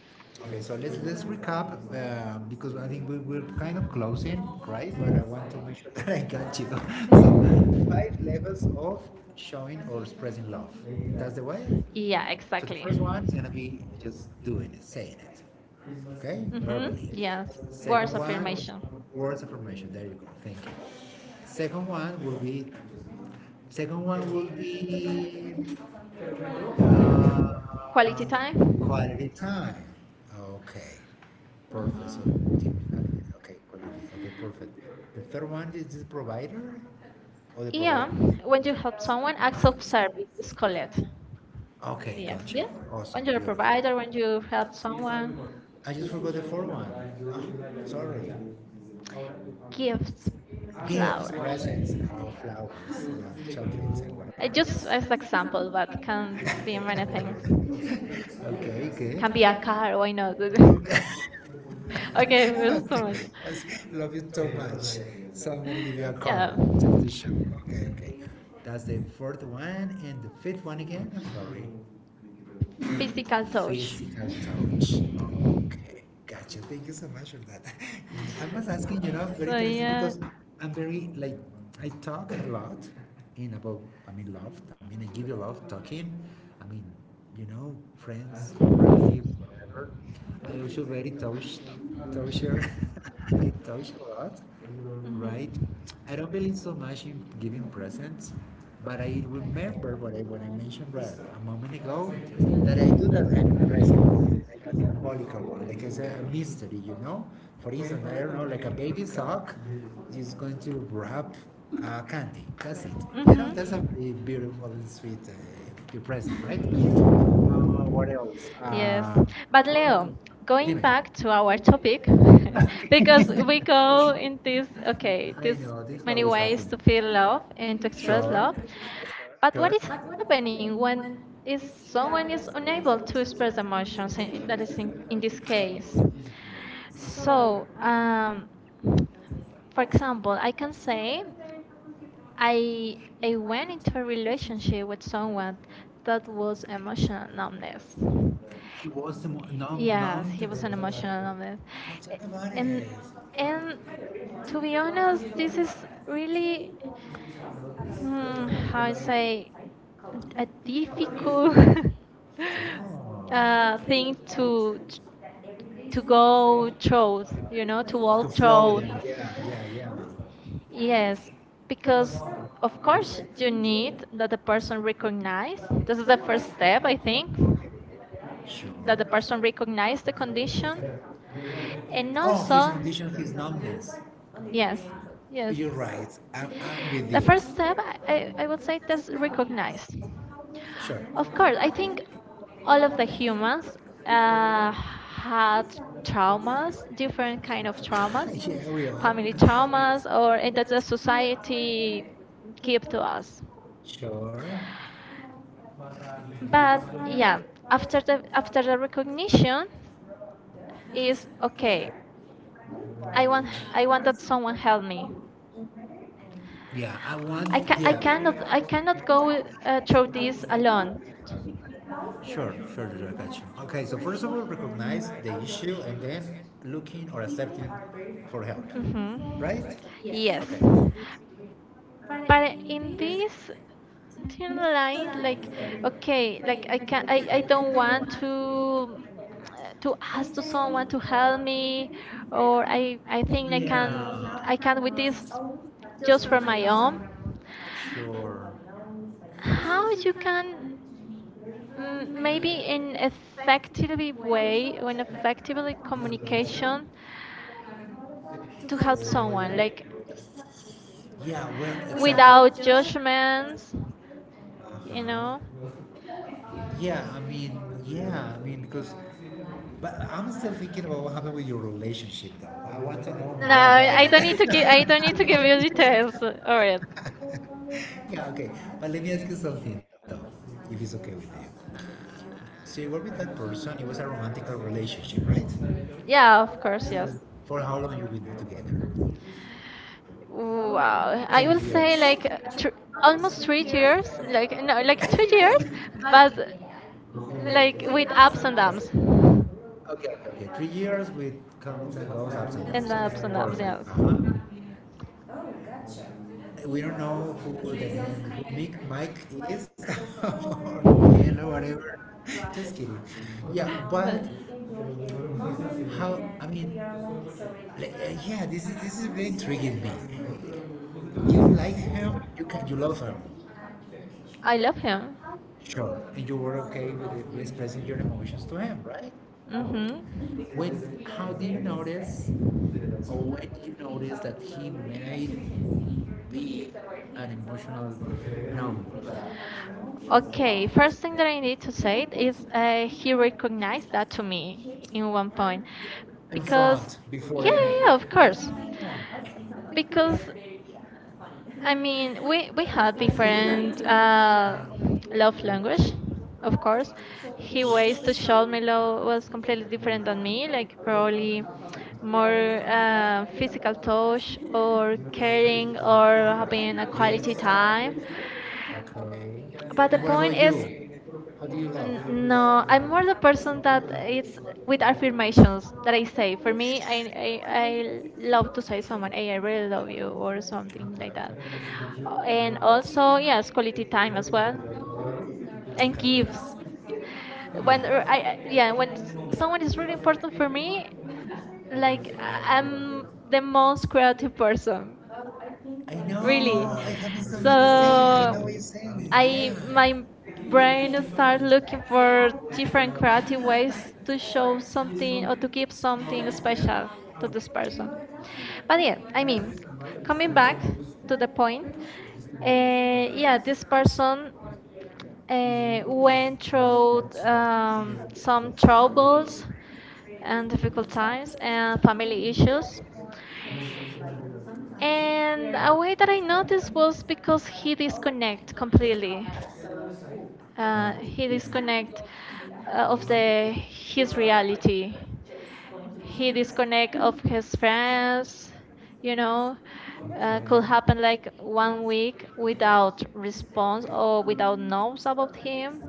[SPEAKER 2] so let's recap because I think we, we're kind of closing, right? But I want to make sure that I got you. So five levels of showing or expressing love. That's the way.
[SPEAKER 1] Yeah,
[SPEAKER 2] Yeah, so the exactly.
[SPEAKER 1] exactly.
[SPEAKER 2] First one is gonna be just doing it, saying it, okay,
[SPEAKER 1] Mm-hmm.
[SPEAKER 2] verbally. Yes.
[SPEAKER 1] Yes.
[SPEAKER 2] Second words
[SPEAKER 1] Words
[SPEAKER 2] of
[SPEAKER 1] of
[SPEAKER 2] one, affirmation.
[SPEAKER 1] affirmation.
[SPEAKER 2] Words of affirmation. There you go. Thank you. Second one will be. Second one will be. Uh, Quality
[SPEAKER 1] Quality
[SPEAKER 2] time?
[SPEAKER 1] time.
[SPEAKER 2] Quality time. Okay, perfect. So
[SPEAKER 1] Mm-hmm.
[SPEAKER 2] typically, okay, quality. Okay, perfect. The third one is the provider or the provider?
[SPEAKER 1] Yeah.
[SPEAKER 2] Yeah,
[SPEAKER 1] When
[SPEAKER 2] we
[SPEAKER 1] you help someone, acts of
[SPEAKER 2] some
[SPEAKER 1] service is
[SPEAKER 2] services for
[SPEAKER 1] called.
[SPEAKER 2] okay,
[SPEAKER 1] Yes.
[SPEAKER 2] gotcha. Yeah.
[SPEAKER 1] Yes.
[SPEAKER 2] Awesome,
[SPEAKER 1] When
[SPEAKER 2] and
[SPEAKER 1] you're a
[SPEAKER 2] beautiful.
[SPEAKER 1] provider,
[SPEAKER 2] Provider,
[SPEAKER 1] when
[SPEAKER 2] when
[SPEAKER 1] you
[SPEAKER 2] you
[SPEAKER 1] help
[SPEAKER 2] have
[SPEAKER 1] someone,
[SPEAKER 2] some, I just forgot the fourth one. Ah, sorry. Yes.
[SPEAKER 1] gifts,
[SPEAKER 2] Gifts,
[SPEAKER 1] flowers.
[SPEAKER 2] presents, flowers, yeah, chocolates and whatever.
[SPEAKER 1] I
[SPEAKER 2] They just
[SPEAKER 1] just as
[SPEAKER 2] as
[SPEAKER 1] example,
[SPEAKER 2] examples,
[SPEAKER 1] but
[SPEAKER 2] but
[SPEAKER 1] can be many things.
[SPEAKER 2] okay, good.
[SPEAKER 1] Can be a
[SPEAKER 2] Caveat.
[SPEAKER 1] car. Why not?
[SPEAKER 2] Okay.
[SPEAKER 1] Okay,
[SPEAKER 2] Okay.
[SPEAKER 1] it was too
[SPEAKER 2] I
[SPEAKER 1] much.
[SPEAKER 2] love you so much. So I'm gonna give you a card
[SPEAKER 1] Yeah.
[SPEAKER 2] just to show. Okay, okay. That's the fourth one and the fifth one again. I'm sorry. Physical
[SPEAKER 1] Physical.
[SPEAKER 2] touch. Physical touch. Okay, gotcha. Thank you so much for that. Yeah, I was asking, you know, very
[SPEAKER 1] So
[SPEAKER 2] interesting
[SPEAKER 1] yeah.
[SPEAKER 2] because I'm very like I talk a lot in about I mean love. I mean I give you love talking. I mean, you know, friends, relatives, whatever. I also very touch toucher. I touch a lot,
[SPEAKER 1] Hmm.
[SPEAKER 2] right? I don't believe so much in giving presents, but I remember what I mentioned right a moment ago that I do that like a symbolical one, like as a mystery, you know? For instance, I don't know, like a baby sock is going to wrap candy. That's it. You know,
[SPEAKER 1] Mm-hmm.
[SPEAKER 2] that's a really beautiful and sweet present, right? What else?
[SPEAKER 1] Yes. But
[SPEAKER 2] But
[SPEAKER 1] Leo,
[SPEAKER 2] Leo, we
[SPEAKER 1] going yeah.
[SPEAKER 2] dime. Have
[SPEAKER 1] back to our topic,
[SPEAKER 2] because
[SPEAKER 1] because
[SPEAKER 2] we
[SPEAKER 1] we
[SPEAKER 2] go
[SPEAKER 1] go
[SPEAKER 2] okay,
[SPEAKER 1] in this, okay,
[SPEAKER 2] I okay.
[SPEAKER 1] this
[SPEAKER 2] Know, this many
[SPEAKER 1] many
[SPEAKER 2] always
[SPEAKER 1] ways
[SPEAKER 2] ways
[SPEAKER 1] to feel
[SPEAKER 2] happens.
[SPEAKER 1] love
[SPEAKER 2] Now.
[SPEAKER 1] and to express
[SPEAKER 2] Sure,
[SPEAKER 1] love.
[SPEAKER 2] not. Sure. But
[SPEAKER 1] But what
[SPEAKER 2] what
[SPEAKER 1] is
[SPEAKER 2] is happening
[SPEAKER 1] happening
[SPEAKER 2] when
[SPEAKER 1] when
[SPEAKER 2] is
[SPEAKER 1] is
[SPEAKER 2] someone
[SPEAKER 1] someone
[SPEAKER 2] is
[SPEAKER 1] is
[SPEAKER 2] unable
[SPEAKER 1] unable
[SPEAKER 2] to
[SPEAKER 1] to
[SPEAKER 2] express
[SPEAKER 1] express
[SPEAKER 2] emotions in
[SPEAKER 1] emotions? and it-
[SPEAKER 2] a
[SPEAKER 1] That is in, in
[SPEAKER 2] specific
[SPEAKER 1] this
[SPEAKER 2] space?
[SPEAKER 1] case.
[SPEAKER 2] So,
[SPEAKER 1] So,
[SPEAKER 2] for
[SPEAKER 1] for
[SPEAKER 2] example,
[SPEAKER 1] example,
[SPEAKER 2] I
[SPEAKER 1] I
[SPEAKER 2] can
[SPEAKER 1] can
[SPEAKER 2] say
[SPEAKER 1] say
[SPEAKER 2] I
[SPEAKER 1] I I
[SPEAKER 2] went
[SPEAKER 1] went
[SPEAKER 2] into a
[SPEAKER 1] into a
[SPEAKER 2] relationship
[SPEAKER 1] relationship
[SPEAKER 2] with
[SPEAKER 1] with
[SPEAKER 2] someone
[SPEAKER 1] someone
[SPEAKER 2] that
[SPEAKER 1] that
[SPEAKER 2] was
[SPEAKER 1] was emotional
[SPEAKER 2] emotional.
[SPEAKER 1] numbness.
[SPEAKER 2] He was numb, yes,
[SPEAKER 1] Yes,
[SPEAKER 2] numbed.
[SPEAKER 1] he
[SPEAKER 2] It
[SPEAKER 1] was
[SPEAKER 2] was
[SPEAKER 1] an
[SPEAKER 2] emotional.
[SPEAKER 1] emotional numbness.
[SPEAKER 2] Oh, tell me
[SPEAKER 1] A-
[SPEAKER 2] about
[SPEAKER 1] And
[SPEAKER 2] it.
[SPEAKER 1] and
[SPEAKER 2] And to
[SPEAKER 1] to
[SPEAKER 2] be
[SPEAKER 1] be honest, this
[SPEAKER 2] honest,
[SPEAKER 1] is
[SPEAKER 2] this is really,
[SPEAKER 1] really
[SPEAKER 2] I
[SPEAKER 1] how I
[SPEAKER 2] say,
[SPEAKER 1] say
[SPEAKER 2] a big
[SPEAKER 1] a difficult
[SPEAKER 2] oh. Thing
[SPEAKER 1] thing to
[SPEAKER 2] to
[SPEAKER 1] to
[SPEAKER 2] go
[SPEAKER 1] go through, you
[SPEAKER 2] to
[SPEAKER 1] know, to
[SPEAKER 2] To workshop.
[SPEAKER 1] walk
[SPEAKER 2] Flow
[SPEAKER 1] through.
[SPEAKER 2] them. Yeah, yeah, yeah. Yes.
[SPEAKER 1] Yes,
[SPEAKER 2] Because
[SPEAKER 1] because of course
[SPEAKER 2] conflict you
[SPEAKER 1] you need
[SPEAKER 2] need
[SPEAKER 1] that the person recognize. This is
[SPEAKER 2] the
[SPEAKER 1] the
[SPEAKER 2] first
[SPEAKER 1] first step,
[SPEAKER 2] step.
[SPEAKER 1] I think,
[SPEAKER 2] Sure.
[SPEAKER 1] that the person recognize the condition, and
[SPEAKER 2] Oh, his
[SPEAKER 1] also
[SPEAKER 2] condition, his numbness. Yes.
[SPEAKER 1] yes, yes.
[SPEAKER 2] You're right. I'm with the
[SPEAKER 1] The
[SPEAKER 2] you. First
[SPEAKER 1] first step,
[SPEAKER 2] step,
[SPEAKER 1] I,
[SPEAKER 2] I
[SPEAKER 1] I I would
[SPEAKER 2] would say
[SPEAKER 1] say, that's
[SPEAKER 2] recognize.
[SPEAKER 1] recognize.
[SPEAKER 2] Sure. Of
[SPEAKER 1] Of
[SPEAKER 2] course,
[SPEAKER 1] course,
[SPEAKER 2] I
[SPEAKER 1] I
[SPEAKER 2] think
[SPEAKER 1] think
[SPEAKER 2] all
[SPEAKER 1] all of
[SPEAKER 2] of
[SPEAKER 1] the
[SPEAKER 2] the humans,
[SPEAKER 1] humans
[SPEAKER 2] uh,
[SPEAKER 1] had
[SPEAKER 2] has
[SPEAKER 1] traumas,
[SPEAKER 2] traumas,
[SPEAKER 1] different
[SPEAKER 2] different
[SPEAKER 1] kind
[SPEAKER 2] kind of
[SPEAKER 1] of traumas,
[SPEAKER 2] traumas, yeah, we are.
[SPEAKER 1] family
[SPEAKER 2] Family,
[SPEAKER 1] traumas, or and that the
[SPEAKER 2] society,
[SPEAKER 1] society
[SPEAKER 2] kids.
[SPEAKER 1] gave to us.
[SPEAKER 2] Sure.
[SPEAKER 1] But
[SPEAKER 2] But yeah,
[SPEAKER 1] yeah, after the recognition
[SPEAKER 2] is
[SPEAKER 1] is
[SPEAKER 2] okay.
[SPEAKER 1] okay. I want I
[SPEAKER 2] I
[SPEAKER 1] want
[SPEAKER 2] want
[SPEAKER 1] that
[SPEAKER 2] to be
[SPEAKER 1] someone
[SPEAKER 2] more
[SPEAKER 1] help me.
[SPEAKER 2] healthy. Yeah, I want.
[SPEAKER 1] I,
[SPEAKER 2] I
[SPEAKER 1] ca-
[SPEAKER 2] can
[SPEAKER 1] I cannot I
[SPEAKER 2] yeah, I
[SPEAKER 1] cannot
[SPEAKER 2] go
[SPEAKER 1] go through
[SPEAKER 2] through
[SPEAKER 1] this
[SPEAKER 2] this a lot.
[SPEAKER 1] alone.
[SPEAKER 2] Sure, sure, sure, I got you. Okay, so first of all, recognize the issue and then looking or accepting for help,
[SPEAKER 1] Hmm.
[SPEAKER 2] right? Yes.
[SPEAKER 1] Yes.
[SPEAKER 2] Okay. But
[SPEAKER 1] But
[SPEAKER 2] in
[SPEAKER 1] in
[SPEAKER 2] this,
[SPEAKER 1] this thin
[SPEAKER 2] realize
[SPEAKER 1] line,
[SPEAKER 2] that
[SPEAKER 1] like,
[SPEAKER 2] okay, I, I,
[SPEAKER 1] okay, like
[SPEAKER 2] can, I, I
[SPEAKER 1] I
[SPEAKER 2] don't
[SPEAKER 1] don't
[SPEAKER 2] want
[SPEAKER 1] want
[SPEAKER 2] to
[SPEAKER 1] to
[SPEAKER 2] I
[SPEAKER 1] ask to
[SPEAKER 2] started
[SPEAKER 1] someone
[SPEAKER 2] with
[SPEAKER 1] to
[SPEAKER 2] cloud
[SPEAKER 1] help
[SPEAKER 2] native.
[SPEAKER 1] me, or
[SPEAKER 2] And I
[SPEAKER 1] I
[SPEAKER 2] think I can
[SPEAKER 1] think
[SPEAKER 2] do yeah. I
[SPEAKER 1] I can
[SPEAKER 2] have
[SPEAKER 1] with
[SPEAKER 2] this
[SPEAKER 1] this
[SPEAKER 2] just
[SPEAKER 1] just
[SPEAKER 2] from
[SPEAKER 1] for
[SPEAKER 2] my
[SPEAKER 1] my own.
[SPEAKER 2] own. Sure. How
[SPEAKER 1] How
[SPEAKER 2] you
[SPEAKER 1] you
[SPEAKER 2] can
[SPEAKER 1] can
[SPEAKER 2] maybe
[SPEAKER 1] Maybe in
[SPEAKER 2] in
[SPEAKER 1] effectively
[SPEAKER 2] effective way
[SPEAKER 1] way or in
[SPEAKER 2] like
[SPEAKER 1] effectively
[SPEAKER 2] application
[SPEAKER 1] communication
[SPEAKER 2] to
[SPEAKER 1] to
[SPEAKER 2] help
[SPEAKER 1] help
[SPEAKER 2] someone.
[SPEAKER 1] someone
[SPEAKER 2] Right?
[SPEAKER 1] like
[SPEAKER 2] Yeah, well, exactly.
[SPEAKER 1] without judgments, you
[SPEAKER 2] Uh-huh.
[SPEAKER 1] know.
[SPEAKER 2] Yeah, I mean, yeah, I mean, because, but I'm still thinking about what happened with your relationship, though. I want to know
[SPEAKER 1] No,
[SPEAKER 2] nah,
[SPEAKER 1] I don't need to give,
[SPEAKER 2] yeah,
[SPEAKER 1] I don't need to give you details, all right?
[SPEAKER 2] okay. But let me ask you something though, if it's okay with you. So you were with that person, it was a romantic relationship, right? Yeah.
[SPEAKER 1] Yeah, of course, yes.
[SPEAKER 2] For how long you been together? Wow.
[SPEAKER 1] Wow,
[SPEAKER 2] I ten
[SPEAKER 1] I
[SPEAKER 2] would
[SPEAKER 1] will
[SPEAKER 2] say years.
[SPEAKER 1] say
[SPEAKER 2] Say
[SPEAKER 1] like thr
[SPEAKER 2] almost
[SPEAKER 1] almost
[SPEAKER 2] three
[SPEAKER 1] three
[SPEAKER 2] years,
[SPEAKER 1] years, like no, like
[SPEAKER 2] like
[SPEAKER 1] two
[SPEAKER 2] 3 years,
[SPEAKER 1] years, but
[SPEAKER 2] but like
[SPEAKER 1] like
[SPEAKER 2] with
[SPEAKER 1] with ups and downs,
[SPEAKER 2] okay, okay, okay, 3 years with comes and goes, ups and
[SPEAKER 1] and
[SPEAKER 2] downs.
[SPEAKER 1] ups
[SPEAKER 2] Okay,
[SPEAKER 1] and downs, yes.
[SPEAKER 2] perfect. Uh-huh. Oh, gotcha. We don't know who the Mick, Mike is or Miguel or whatever. Just kidding. Yeah,
[SPEAKER 1] But
[SPEAKER 2] but how? I mean, like, yeah, this is really intriguing me. You like him, you can, you love him.
[SPEAKER 1] I love him.
[SPEAKER 2] Sure, and you were okay with, it, with expressing your emotions to him, right?
[SPEAKER 1] Hmm.
[SPEAKER 2] When? How do you notice? Or when do you notice that he made we are emotional now.
[SPEAKER 1] Okay, first thing that I need to say is he recognized that to me in one point
[SPEAKER 2] In
[SPEAKER 1] because
[SPEAKER 2] front
[SPEAKER 1] yeah,
[SPEAKER 2] before him.
[SPEAKER 1] yeah, yeah,
[SPEAKER 2] Yeah,
[SPEAKER 1] of
[SPEAKER 2] of course.
[SPEAKER 1] course,
[SPEAKER 2] Yeah. Because,
[SPEAKER 1] because
[SPEAKER 2] I
[SPEAKER 1] I
[SPEAKER 2] mean,
[SPEAKER 1] mean, we
[SPEAKER 2] we.
[SPEAKER 1] we had different love language, of course.
[SPEAKER 2] So he
[SPEAKER 1] He
[SPEAKER 2] went
[SPEAKER 1] ways
[SPEAKER 2] to me
[SPEAKER 1] to show me love was completely different than me, like
[SPEAKER 2] and
[SPEAKER 1] probably more physical touch or caring
[SPEAKER 2] uh,
[SPEAKER 1] or having a quality time.
[SPEAKER 2] yes. Okay.
[SPEAKER 1] But the
[SPEAKER 2] And what about
[SPEAKER 1] point is
[SPEAKER 2] you? How do you love?
[SPEAKER 1] No, I'm more the person that it's with affirmations that I say. For me, I love to say someone, "Hey, I really love you," or something like that. And also, yes, quality time as well, and
[SPEAKER 2] Okay.
[SPEAKER 1] gifts. When r- I- yeah, when s- someone is really important for me, like
[SPEAKER 2] Okay.
[SPEAKER 1] I'm the
[SPEAKER 2] Okay.
[SPEAKER 1] most creative person,
[SPEAKER 2] I
[SPEAKER 1] really.
[SPEAKER 2] know. I have something to say. I
[SPEAKER 1] So
[SPEAKER 2] know what you're saying.
[SPEAKER 1] I my brain start looking for different creative ways to show something or to give something special to this person. But yeah, I mean, coming back to the point, uh, yeah, this person went through some troubles and difficult times and family issues.
[SPEAKER 2] Yeah.
[SPEAKER 1] And
[SPEAKER 2] And,
[SPEAKER 1] a
[SPEAKER 2] oh,
[SPEAKER 1] way that I
[SPEAKER 2] there's
[SPEAKER 1] noticed was because he disconnect completely,
[SPEAKER 2] okay.
[SPEAKER 1] he
[SPEAKER 2] Um,
[SPEAKER 1] disconnect of the his reality. He disconnect of his friends. You know, could happen like 1 week without response or without news about him.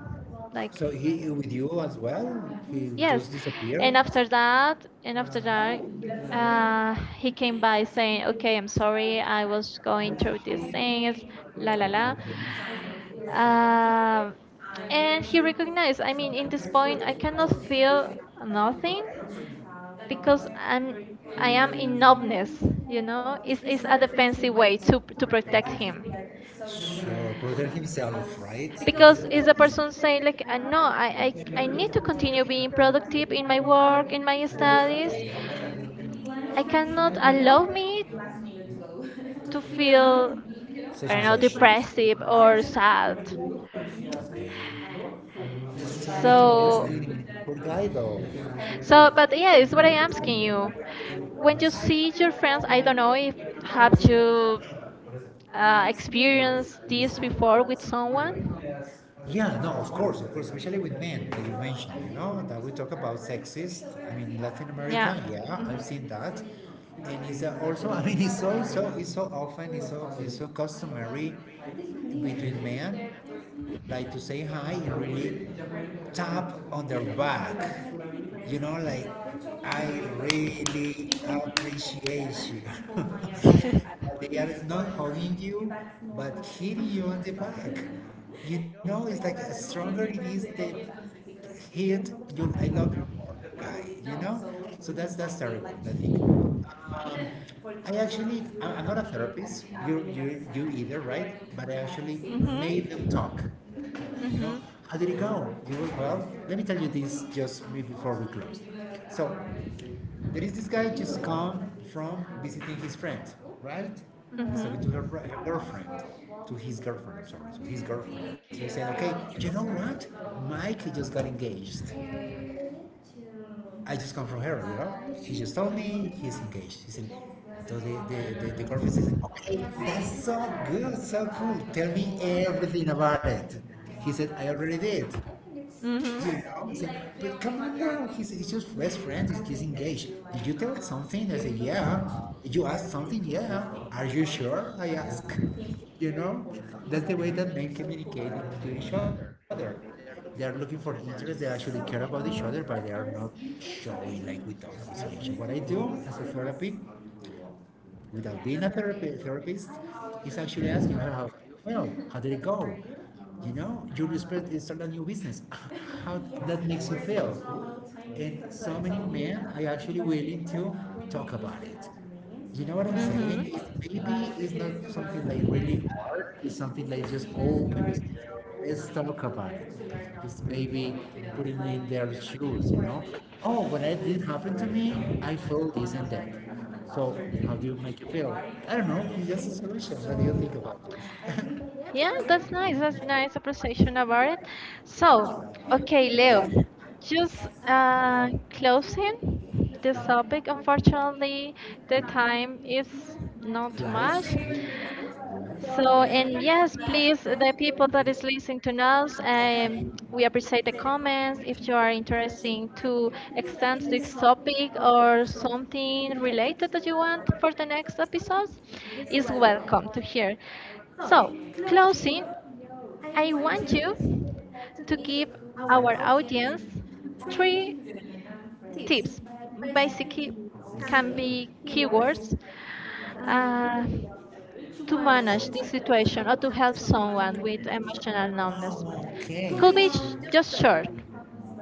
[SPEAKER 1] Like
[SPEAKER 2] So he with you as well? He
[SPEAKER 1] yes,
[SPEAKER 2] just disappeared?
[SPEAKER 1] and after that, he
[SPEAKER 2] Uh,
[SPEAKER 1] came by saying, "Okay, I'm sorry. I was going through these
[SPEAKER 2] Um,
[SPEAKER 1] things. La la la." Um, and
[SPEAKER 2] and she
[SPEAKER 1] he
[SPEAKER 2] represents,
[SPEAKER 1] recognized, I mean, in
[SPEAKER 2] at
[SPEAKER 1] this
[SPEAKER 2] this point,
[SPEAKER 1] point, I
[SPEAKER 2] I
[SPEAKER 1] cannot
[SPEAKER 2] don't
[SPEAKER 1] feel
[SPEAKER 2] feel
[SPEAKER 1] nothing
[SPEAKER 2] nothing but because
[SPEAKER 1] because I
[SPEAKER 2] I am
[SPEAKER 1] am in
[SPEAKER 2] ignoring
[SPEAKER 1] numbness, you know. It's,
[SPEAKER 2] his
[SPEAKER 1] it's a
[SPEAKER 2] other fancy
[SPEAKER 1] defensive
[SPEAKER 2] way
[SPEAKER 1] way
[SPEAKER 2] to
[SPEAKER 1] to
[SPEAKER 2] protect
[SPEAKER 1] protect
[SPEAKER 2] him.
[SPEAKER 1] him.
[SPEAKER 2] Sure, protect himself, right? Because
[SPEAKER 1] Because
[SPEAKER 2] it's
[SPEAKER 1] is
[SPEAKER 2] a
[SPEAKER 1] a
[SPEAKER 2] person
[SPEAKER 1] person
[SPEAKER 2] who's like,
[SPEAKER 1] saying
[SPEAKER 2] like,
[SPEAKER 1] like,
[SPEAKER 2] I don't
[SPEAKER 1] no, I, I
[SPEAKER 2] know,
[SPEAKER 1] I
[SPEAKER 2] I, need
[SPEAKER 1] need
[SPEAKER 2] to
[SPEAKER 1] to
[SPEAKER 2] continue
[SPEAKER 1] continue
[SPEAKER 2] being
[SPEAKER 1] being productive
[SPEAKER 2] productive,
[SPEAKER 1] in
[SPEAKER 2] I
[SPEAKER 1] my
[SPEAKER 2] will
[SPEAKER 1] work, in my
[SPEAKER 2] organize,
[SPEAKER 1] studies.
[SPEAKER 2] I,
[SPEAKER 1] I cannot allow
[SPEAKER 2] I
[SPEAKER 1] me
[SPEAKER 2] you,
[SPEAKER 1] to feel, I
[SPEAKER 2] Sejam
[SPEAKER 1] don't
[SPEAKER 2] os
[SPEAKER 1] know,
[SPEAKER 2] anjos.
[SPEAKER 1] depressive or sad.
[SPEAKER 2] Muito mais
[SPEAKER 1] So
[SPEAKER 2] dele. So it's
[SPEAKER 1] But yeah, it's
[SPEAKER 2] what
[SPEAKER 1] what
[SPEAKER 2] I
[SPEAKER 1] I
[SPEAKER 2] am
[SPEAKER 1] am asking
[SPEAKER 2] saying.
[SPEAKER 1] you. When you see
[SPEAKER 2] What you
[SPEAKER 1] your friends, I don't know if have you
[SPEAKER 2] experience
[SPEAKER 1] experienced
[SPEAKER 2] is
[SPEAKER 1] this
[SPEAKER 2] for?
[SPEAKER 1] before with someone.
[SPEAKER 2] Yeah, no, of course, especially with men that you mentioned, you know, that we talk about sexist. I mean, Latin
[SPEAKER 1] Yeah.
[SPEAKER 2] America, yeah,
[SPEAKER 1] Mhm.
[SPEAKER 2] I've seen that, and it's also, I mean, it's so, so, it's so often, it's so customary between men, like to say hi and really tap on their back. You know, like I really appreciate you. They are not hugging you, but hitting you on the back. You know, it's like a stronger it is the hit. You, I love you more, guy. You know, so that's terrible. I think. I actually, I'm not a therapist. You you either, right? But I actually made them talk, you know,
[SPEAKER 1] Mhm.
[SPEAKER 2] how did it go? You were, well, let me tell you this just before we close. So, there is this guy just come from visiting his friend, right?
[SPEAKER 1] Mhm.
[SPEAKER 2] He's talking to her,
[SPEAKER 1] Mhm.
[SPEAKER 2] her girlfriend, to his girlfriend, I'm sorry, to his girlfriend. They said, okay, you know what? Mike just got engaged. I just come from her, you know? She just told me he's engaged. He said, so the girlfriend says, okay, that's so good, so cool. Tell me everything about it. He said, I already did. He's like, but come on now. He's just best friends. He's just engaged. Did you tell something? I said, yeah. Did you ask something? Yeah. Are you sure? I ask. You know, that's the way that men communicate to each other. They are looking for interest. They actually care about each other, but they are not showing like without conversation. What I do as a therapy without being a therapist is actually asking her how well, how did it go? You know, you respect is start a new business. How that makes you feel. And so many men are actually willing to talk about it. You know what I'm saying? It's maybe it's not something like really hard. It's something like just open. Let's talk about it.
[SPEAKER 1] Mhm.
[SPEAKER 2] It's maybe putting in their shoes, you know? Oh, when it did happen to me, I felt this and that. So, how do you make it feel? I don't know. It's just a solution. What do you think about this?
[SPEAKER 1] Yeah, that's nice. That's nice appreciation about it. So, okay, Leo, just closing this topic. Unfortunately, the time is not too
[SPEAKER 2] Flies?
[SPEAKER 1] much. So, and yes, please, the people that is listening to us,
[SPEAKER 2] Say
[SPEAKER 1] we appreciate the comments. If you are interested to extend this topic or something
[SPEAKER 2] related that
[SPEAKER 1] related
[SPEAKER 2] you
[SPEAKER 1] that you want
[SPEAKER 2] for
[SPEAKER 1] for
[SPEAKER 2] the
[SPEAKER 1] the
[SPEAKER 2] next
[SPEAKER 1] next
[SPEAKER 2] episode
[SPEAKER 1] episodes,
[SPEAKER 2] is
[SPEAKER 1] is welcome
[SPEAKER 2] welcome.
[SPEAKER 1] to hear.
[SPEAKER 2] So,
[SPEAKER 1] So,
[SPEAKER 2] in closing,
[SPEAKER 1] closing,
[SPEAKER 2] I
[SPEAKER 1] I
[SPEAKER 2] want
[SPEAKER 1] want you
[SPEAKER 2] you to
[SPEAKER 1] to
[SPEAKER 2] give
[SPEAKER 1] give
[SPEAKER 2] our
[SPEAKER 1] our
[SPEAKER 2] audience
[SPEAKER 1] audience
[SPEAKER 2] three
[SPEAKER 1] three
[SPEAKER 2] tips.
[SPEAKER 1] tips.
[SPEAKER 2] Basically,
[SPEAKER 1] Basically,
[SPEAKER 2] can
[SPEAKER 1] can
[SPEAKER 2] be
[SPEAKER 1] be
[SPEAKER 2] viewers,
[SPEAKER 1] keywords
[SPEAKER 2] um,
[SPEAKER 1] uh, to
[SPEAKER 2] humanas,
[SPEAKER 1] manage this situation
[SPEAKER 2] desempenham
[SPEAKER 1] or to help
[SPEAKER 2] autocats of one.
[SPEAKER 1] someone with emotional numbness.
[SPEAKER 2] Oh, okay. Could
[SPEAKER 1] Could
[SPEAKER 2] be
[SPEAKER 1] be
[SPEAKER 2] just
[SPEAKER 1] just
[SPEAKER 2] try.
[SPEAKER 1] short,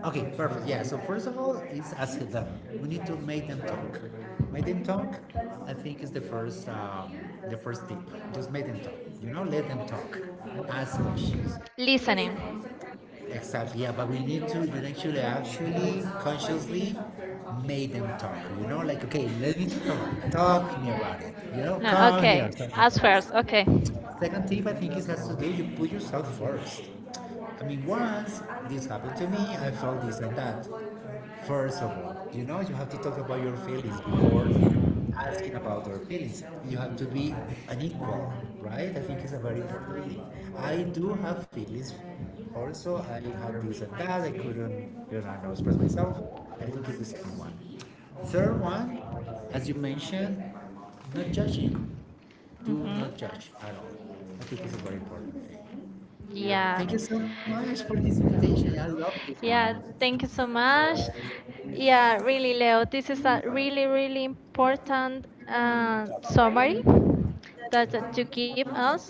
[SPEAKER 2] Okay, perfect. Yeah. So first of all, it's ask them. We need to make them talk. Make them talk. I think is the first tip. Just make them talk. You know, let them talk. Ask questions. Listen.
[SPEAKER 1] listening.
[SPEAKER 2] Exactly, yeah, but we need to you know, actually consciously make them talk, you know, like okay, let me talk,
[SPEAKER 1] Uh,
[SPEAKER 2] talk me about it, you know,
[SPEAKER 1] No,
[SPEAKER 2] come here,
[SPEAKER 1] okay.
[SPEAKER 2] talk me
[SPEAKER 1] As
[SPEAKER 2] about
[SPEAKER 1] first,
[SPEAKER 2] it.
[SPEAKER 1] okay.
[SPEAKER 2] Second tip I think it has to do you put yourself first. I mean, once this happened to me, I felt this and that. First of all, you know you have to talk about your feelings before asking about their feelings. You have to be an equal, right? I think it's a very important thing. I do have feelings. Also, I had this and that. I couldn't, know, express myself. I think it's the second one. Third one, as you mentioned, not judging. Do
[SPEAKER 1] Hmm.
[SPEAKER 2] not judge at all. I think it's a very important thing.
[SPEAKER 1] Yeah.
[SPEAKER 2] Thank you so much for this invitation. I love this one.
[SPEAKER 1] Yeah, thank you
[SPEAKER 2] Uh,
[SPEAKER 1] so much. Yeah,
[SPEAKER 2] Yeah,
[SPEAKER 1] really,
[SPEAKER 2] really.
[SPEAKER 1] Leo,
[SPEAKER 2] This
[SPEAKER 1] this
[SPEAKER 2] is
[SPEAKER 1] is a really,
[SPEAKER 2] really
[SPEAKER 1] really
[SPEAKER 2] important
[SPEAKER 1] important summary
[SPEAKER 2] software that the
[SPEAKER 1] that, that you give us.
[SPEAKER 2] team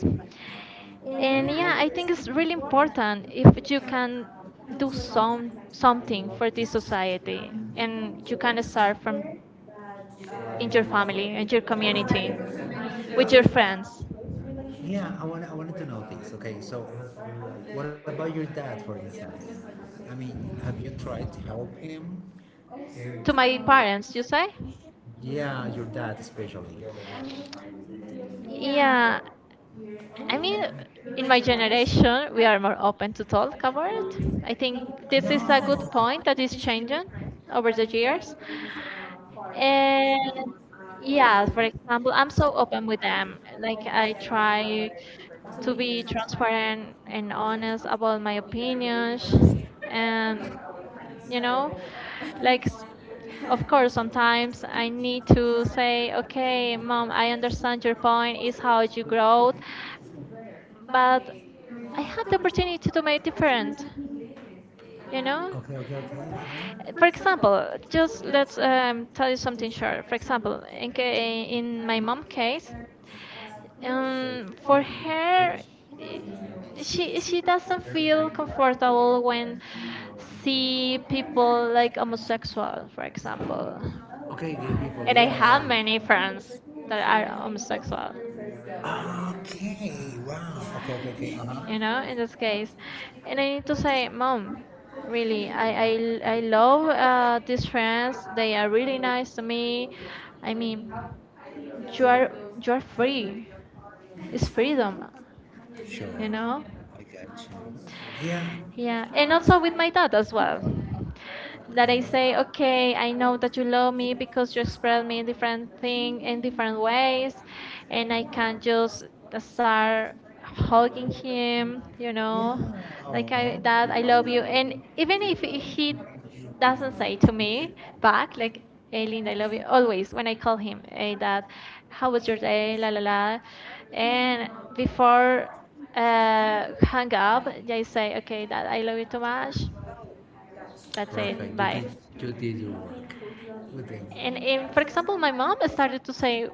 [SPEAKER 2] and
[SPEAKER 1] And
[SPEAKER 2] yeah,
[SPEAKER 1] yeah, I think
[SPEAKER 2] it's
[SPEAKER 1] it's
[SPEAKER 2] really
[SPEAKER 1] really
[SPEAKER 2] important.
[SPEAKER 1] important
[SPEAKER 2] If
[SPEAKER 1] if
[SPEAKER 2] you
[SPEAKER 1] you
[SPEAKER 2] can
[SPEAKER 1] can do
[SPEAKER 2] do something,
[SPEAKER 1] something
[SPEAKER 2] something,
[SPEAKER 1] for this
[SPEAKER 2] just
[SPEAKER 1] society,
[SPEAKER 2] and you can
[SPEAKER 1] and you
[SPEAKER 2] work with
[SPEAKER 1] can start from in
[SPEAKER 2] your
[SPEAKER 1] your family
[SPEAKER 2] family,
[SPEAKER 1] and your community,
[SPEAKER 2] with
[SPEAKER 1] with your
[SPEAKER 2] your
[SPEAKER 1] friends.
[SPEAKER 2] friends. Yeah, I wanted to know this. Okay, so what about your dad, for instance? I mean, have you tried to help him?
[SPEAKER 1] To
[SPEAKER 2] To my
[SPEAKER 1] my
[SPEAKER 2] parents.
[SPEAKER 1] parents,
[SPEAKER 2] Just
[SPEAKER 1] you say?
[SPEAKER 2] like, yeah, your dad especially. Yeah,
[SPEAKER 1] Yeah,
[SPEAKER 2] I
[SPEAKER 1] I
[SPEAKER 2] mean,
[SPEAKER 1] mean,
[SPEAKER 2] in my
[SPEAKER 1] in my
[SPEAKER 2] generation,
[SPEAKER 1] generation,
[SPEAKER 2] we
[SPEAKER 1] we
[SPEAKER 2] are
[SPEAKER 1] are more
[SPEAKER 2] all-
[SPEAKER 1] open to talk about
[SPEAKER 2] I
[SPEAKER 1] it. I
[SPEAKER 2] think
[SPEAKER 1] think
[SPEAKER 2] I this is
[SPEAKER 1] this is a
[SPEAKER 2] a
[SPEAKER 1] good point that is changing over the years.
[SPEAKER 2] no. And
[SPEAKER 1] And yeah,
[SPEAKER 2] yeah,
[SPEAKER 1] for example, I'm so open with
[SPEAKER 2] I
[SPEAKER 1] them. Like, I
[SPEAKER 2] try
[SPEAKER 1] try
[SPEAKER 2] to
[SPEAKER 1] to
[SPEAKER 2] be
[SPEAKER 1] be
[SPEAKER 2] transparent.
[SPEAKER 1] transparent and
[SPEAKER 2] Honest,
[SPEAKER 1] honest about my opinions.
[SPEAKER 2] and,
[SPEAKER 1] And,
[SPEAKER 2] you
[SPEAKER 1] you know,
[SPEAKER 2] know,
[SPEAKER 1] like,
[SPEAKER 2] like,
[SPEAKER 1] of course, sometimes I need to
[SPEAKER 2] I
[SPEAKER 1] say, okay, Mom, I understand your point, is how you grow,
[SPEAKER 2] mean,
[SPEAKER 1] but I had the opportunity to make different. You know,
[SPEAKER 2] okay, okay, okay. Uh-huh.
[SPEAKER 1] for
[SPEAKER 2] For example,
[SPEAKER 1] example, just let's
[SPEAKER 2] that's
[SPEAKER 1] tell you something short. For example,
[SPEAKER 2] in
[SPEAKER 1] in
[SPEAKER 2] my
[SPEAKER 1] my mom
[SPEAKER 2] case,
[SPEAKER 1] case,
[SPEAKER 2] there's for
[SPEAKER 1] for her,
[SPEAKER 2] her,
[SPEAKER 1] i- she
[SPEAKER 2] she
[SPEAKER 1] she doesn't
[SPEAKER 2] doesn't
[SPEAKER 1] feel
[SPEAKER 2] feel comfortable
[SPEAKER 1] comfortable when
[SPEAKER 2] when
[SPEAKER 1] see
[SPEAKER 2] she see
[SPEAKER 1] people
[SPEAKER 2] people
[SPEAKER 1] like
[SPEAKER 2] like
[SPEAKER 1] homosexual, for example.
[SPEAKER 2] okay, gay people,
[SPEAKER 1] And I have
[SPEAKER 2] yeah.
[SPEAKER 1] many friends that are homosexual,
[SPEAKER 2] Okay, wow. Okay, okay, okay. Uh-huh.
[SPEAKER 1] you know, in this case. And I need to say, Mom, really, I love these friends. They are really nice to me. I mean, you are,
[SPEAKER 2] You
[SPEAKER 1] you are
[SPEAKER 2] free.
[SPEAKER 1] free. It's
[SPEAKER 2] It's
[SPEAKER 1] freedom,
[SPEAKER 2] freedom. Sure.
[SPEAKER 1] you know?
[SPEAKER 2] I got you. Yeah.
[SPEAKER 1] Yeah, and
[SPEAKER 2] And also,
[SPEAKER 1] also with my dad as well. That
[SPEAKER 2] that
[SPEAKER 1] I
[SPEAKER 2] I said,
[SPEAKER 1] say, okay, I
[SPEAKER 2] I
[SPEAKER 1] know
[SPEAKER 2] know
[SPEAKER 1] that you
[SPEAKER 2] just
[SPEAKER 1] love
[SPEAKER 2] family
[SPEAKER 1] me because you express me in different
[SPEAKER 2] different things
[SPEAKER 1] thing in
[SPEAKER 2] in
[SPEAKER 1] different
[SPEAKER 2] different ways
[SPEAKER 1] ways, and
[SPEAKER 2] and
[SPEAKER 1] I
[SPEAKER 2] I
[SPEAKER 1] can just
[SPEAKER 2] just start
[SPEAKER 1] start hugging
[SPEAKER 2] talking to them,
[SPEAKER 1] him, you
[SPEAKER 2] you know.
[SPEAKER 1] know,
[SPEAKER 2] Yeah. Like
[SPEAKER 1] like
[SPEAKER 2] I, oh.
[SPEAKER 1] I
[SPEAKER 2] I've
[SPEAKER 1] that
[SPEAKER 2] done, I
[SPEAKER 1] I love
[SPEAKER 2] love
[SPEAKER 1] you,
[SPEAKER 2] you.
[SPEAKER 1] and
[SPEAKER 2] And
[SPEAKER 1] even
[SPEAKER 2] even
[SPEAKER 1] if he
[SPEAKER 2] if it
[SPEAKER 1] doesn't say
[SPEAKER 2] doesn't
[SPEAKER 1] to
[SPEAKER 2] speak,
[SPEAKER 1] me
[SPEAKER 2] but
[SPEAKER 1] back like, "Hey
[SPEAKER 2] I
[SPEAKER 1] Linda, I love you,"
[SPEAKER 2] don't
[SPEAKER 1] always when I call him, "Hey Dad, how was your day, la la la,"
[SPEAKER 2] and
[SPEAKER 1] and before
[SPEAKER 2] uh, I
[SPEAKER 1] hang up I say, "Okay Dad, I love you too much. That's
[SPEAKER 2] perfect. You
[SPEAKER 1] it,
[SPEAKER 2] did like
[SPEAKER 1] bye."
[SPEAKER 2] you did your work with them. And
[SPEAKER 1] And for
[SPEAKER 2] every
[SPEAKER 1] example, my mom started to say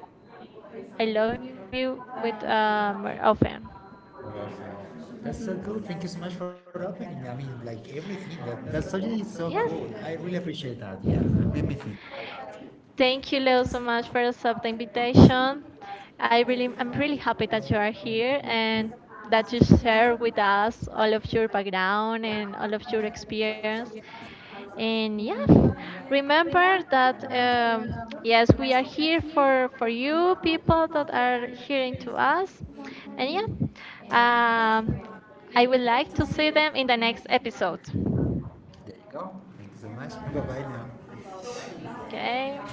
[SPEAKER 1] I
[SPEAKER 2] I
[SPEAKER 1] love
[SPEAKER 2] love you.
[SPEAKER 1] you with more
[SPEAKER 2] Uh,
[SPEAKER 1] often.
[SPEAKER 2] Awesome.
[SPEAKER 1] Hmm.
[SPEAKER 2] That's so cool. Thank you so much for opening. I mean, like everything. That that subject is so
[SPEAKER 1] Yes.
[SPEAKER 2] cool. I really appreciate that. Yeah, made me think. Thank you,
[SPEAKER 1] Thank you,
[SPEAKER 2] Leo, so
[SPEAKER 1] Leo, so
[SPEAKER 2] much.
[SPEAKER 1] much for accepting the invitation.
[SPEAKER 2] I
[SPEAKER 1] I
[SPEAKER 2] really
[SPEAKER 1] really, I'm
[SPEAKER 2] appreciate
[SPEAKER 1] really
[SPEAKER 2] it.
[SPEAKER 1] happy that you are here and that you share with us all of your background and all of your experience.
[SPEAKER 2] And yeah,
[SPEAKER 1] And yeah,
[SPEAKER 2] remember,
[SPEAKER 1] remember that
[SPEAKER 2] uh, yes, we are
[SPEAKER 1] yes, we are here for you people that are
[SPEAKER 2] here is
[SPEAKER 1] hearing to us.
[SPEAKER 2] uh,
[SPEAKER 1] And yeah,
[SPEAKER 2] and I
[SPEAKER 1] um, I would
[SPEAKER 2] like
[SPEAKER 1] like to see them in the next episode.
[SPEAKER 2] there you go. Thank you so much. Bye bye now.
[SPEAKER 1] Okay.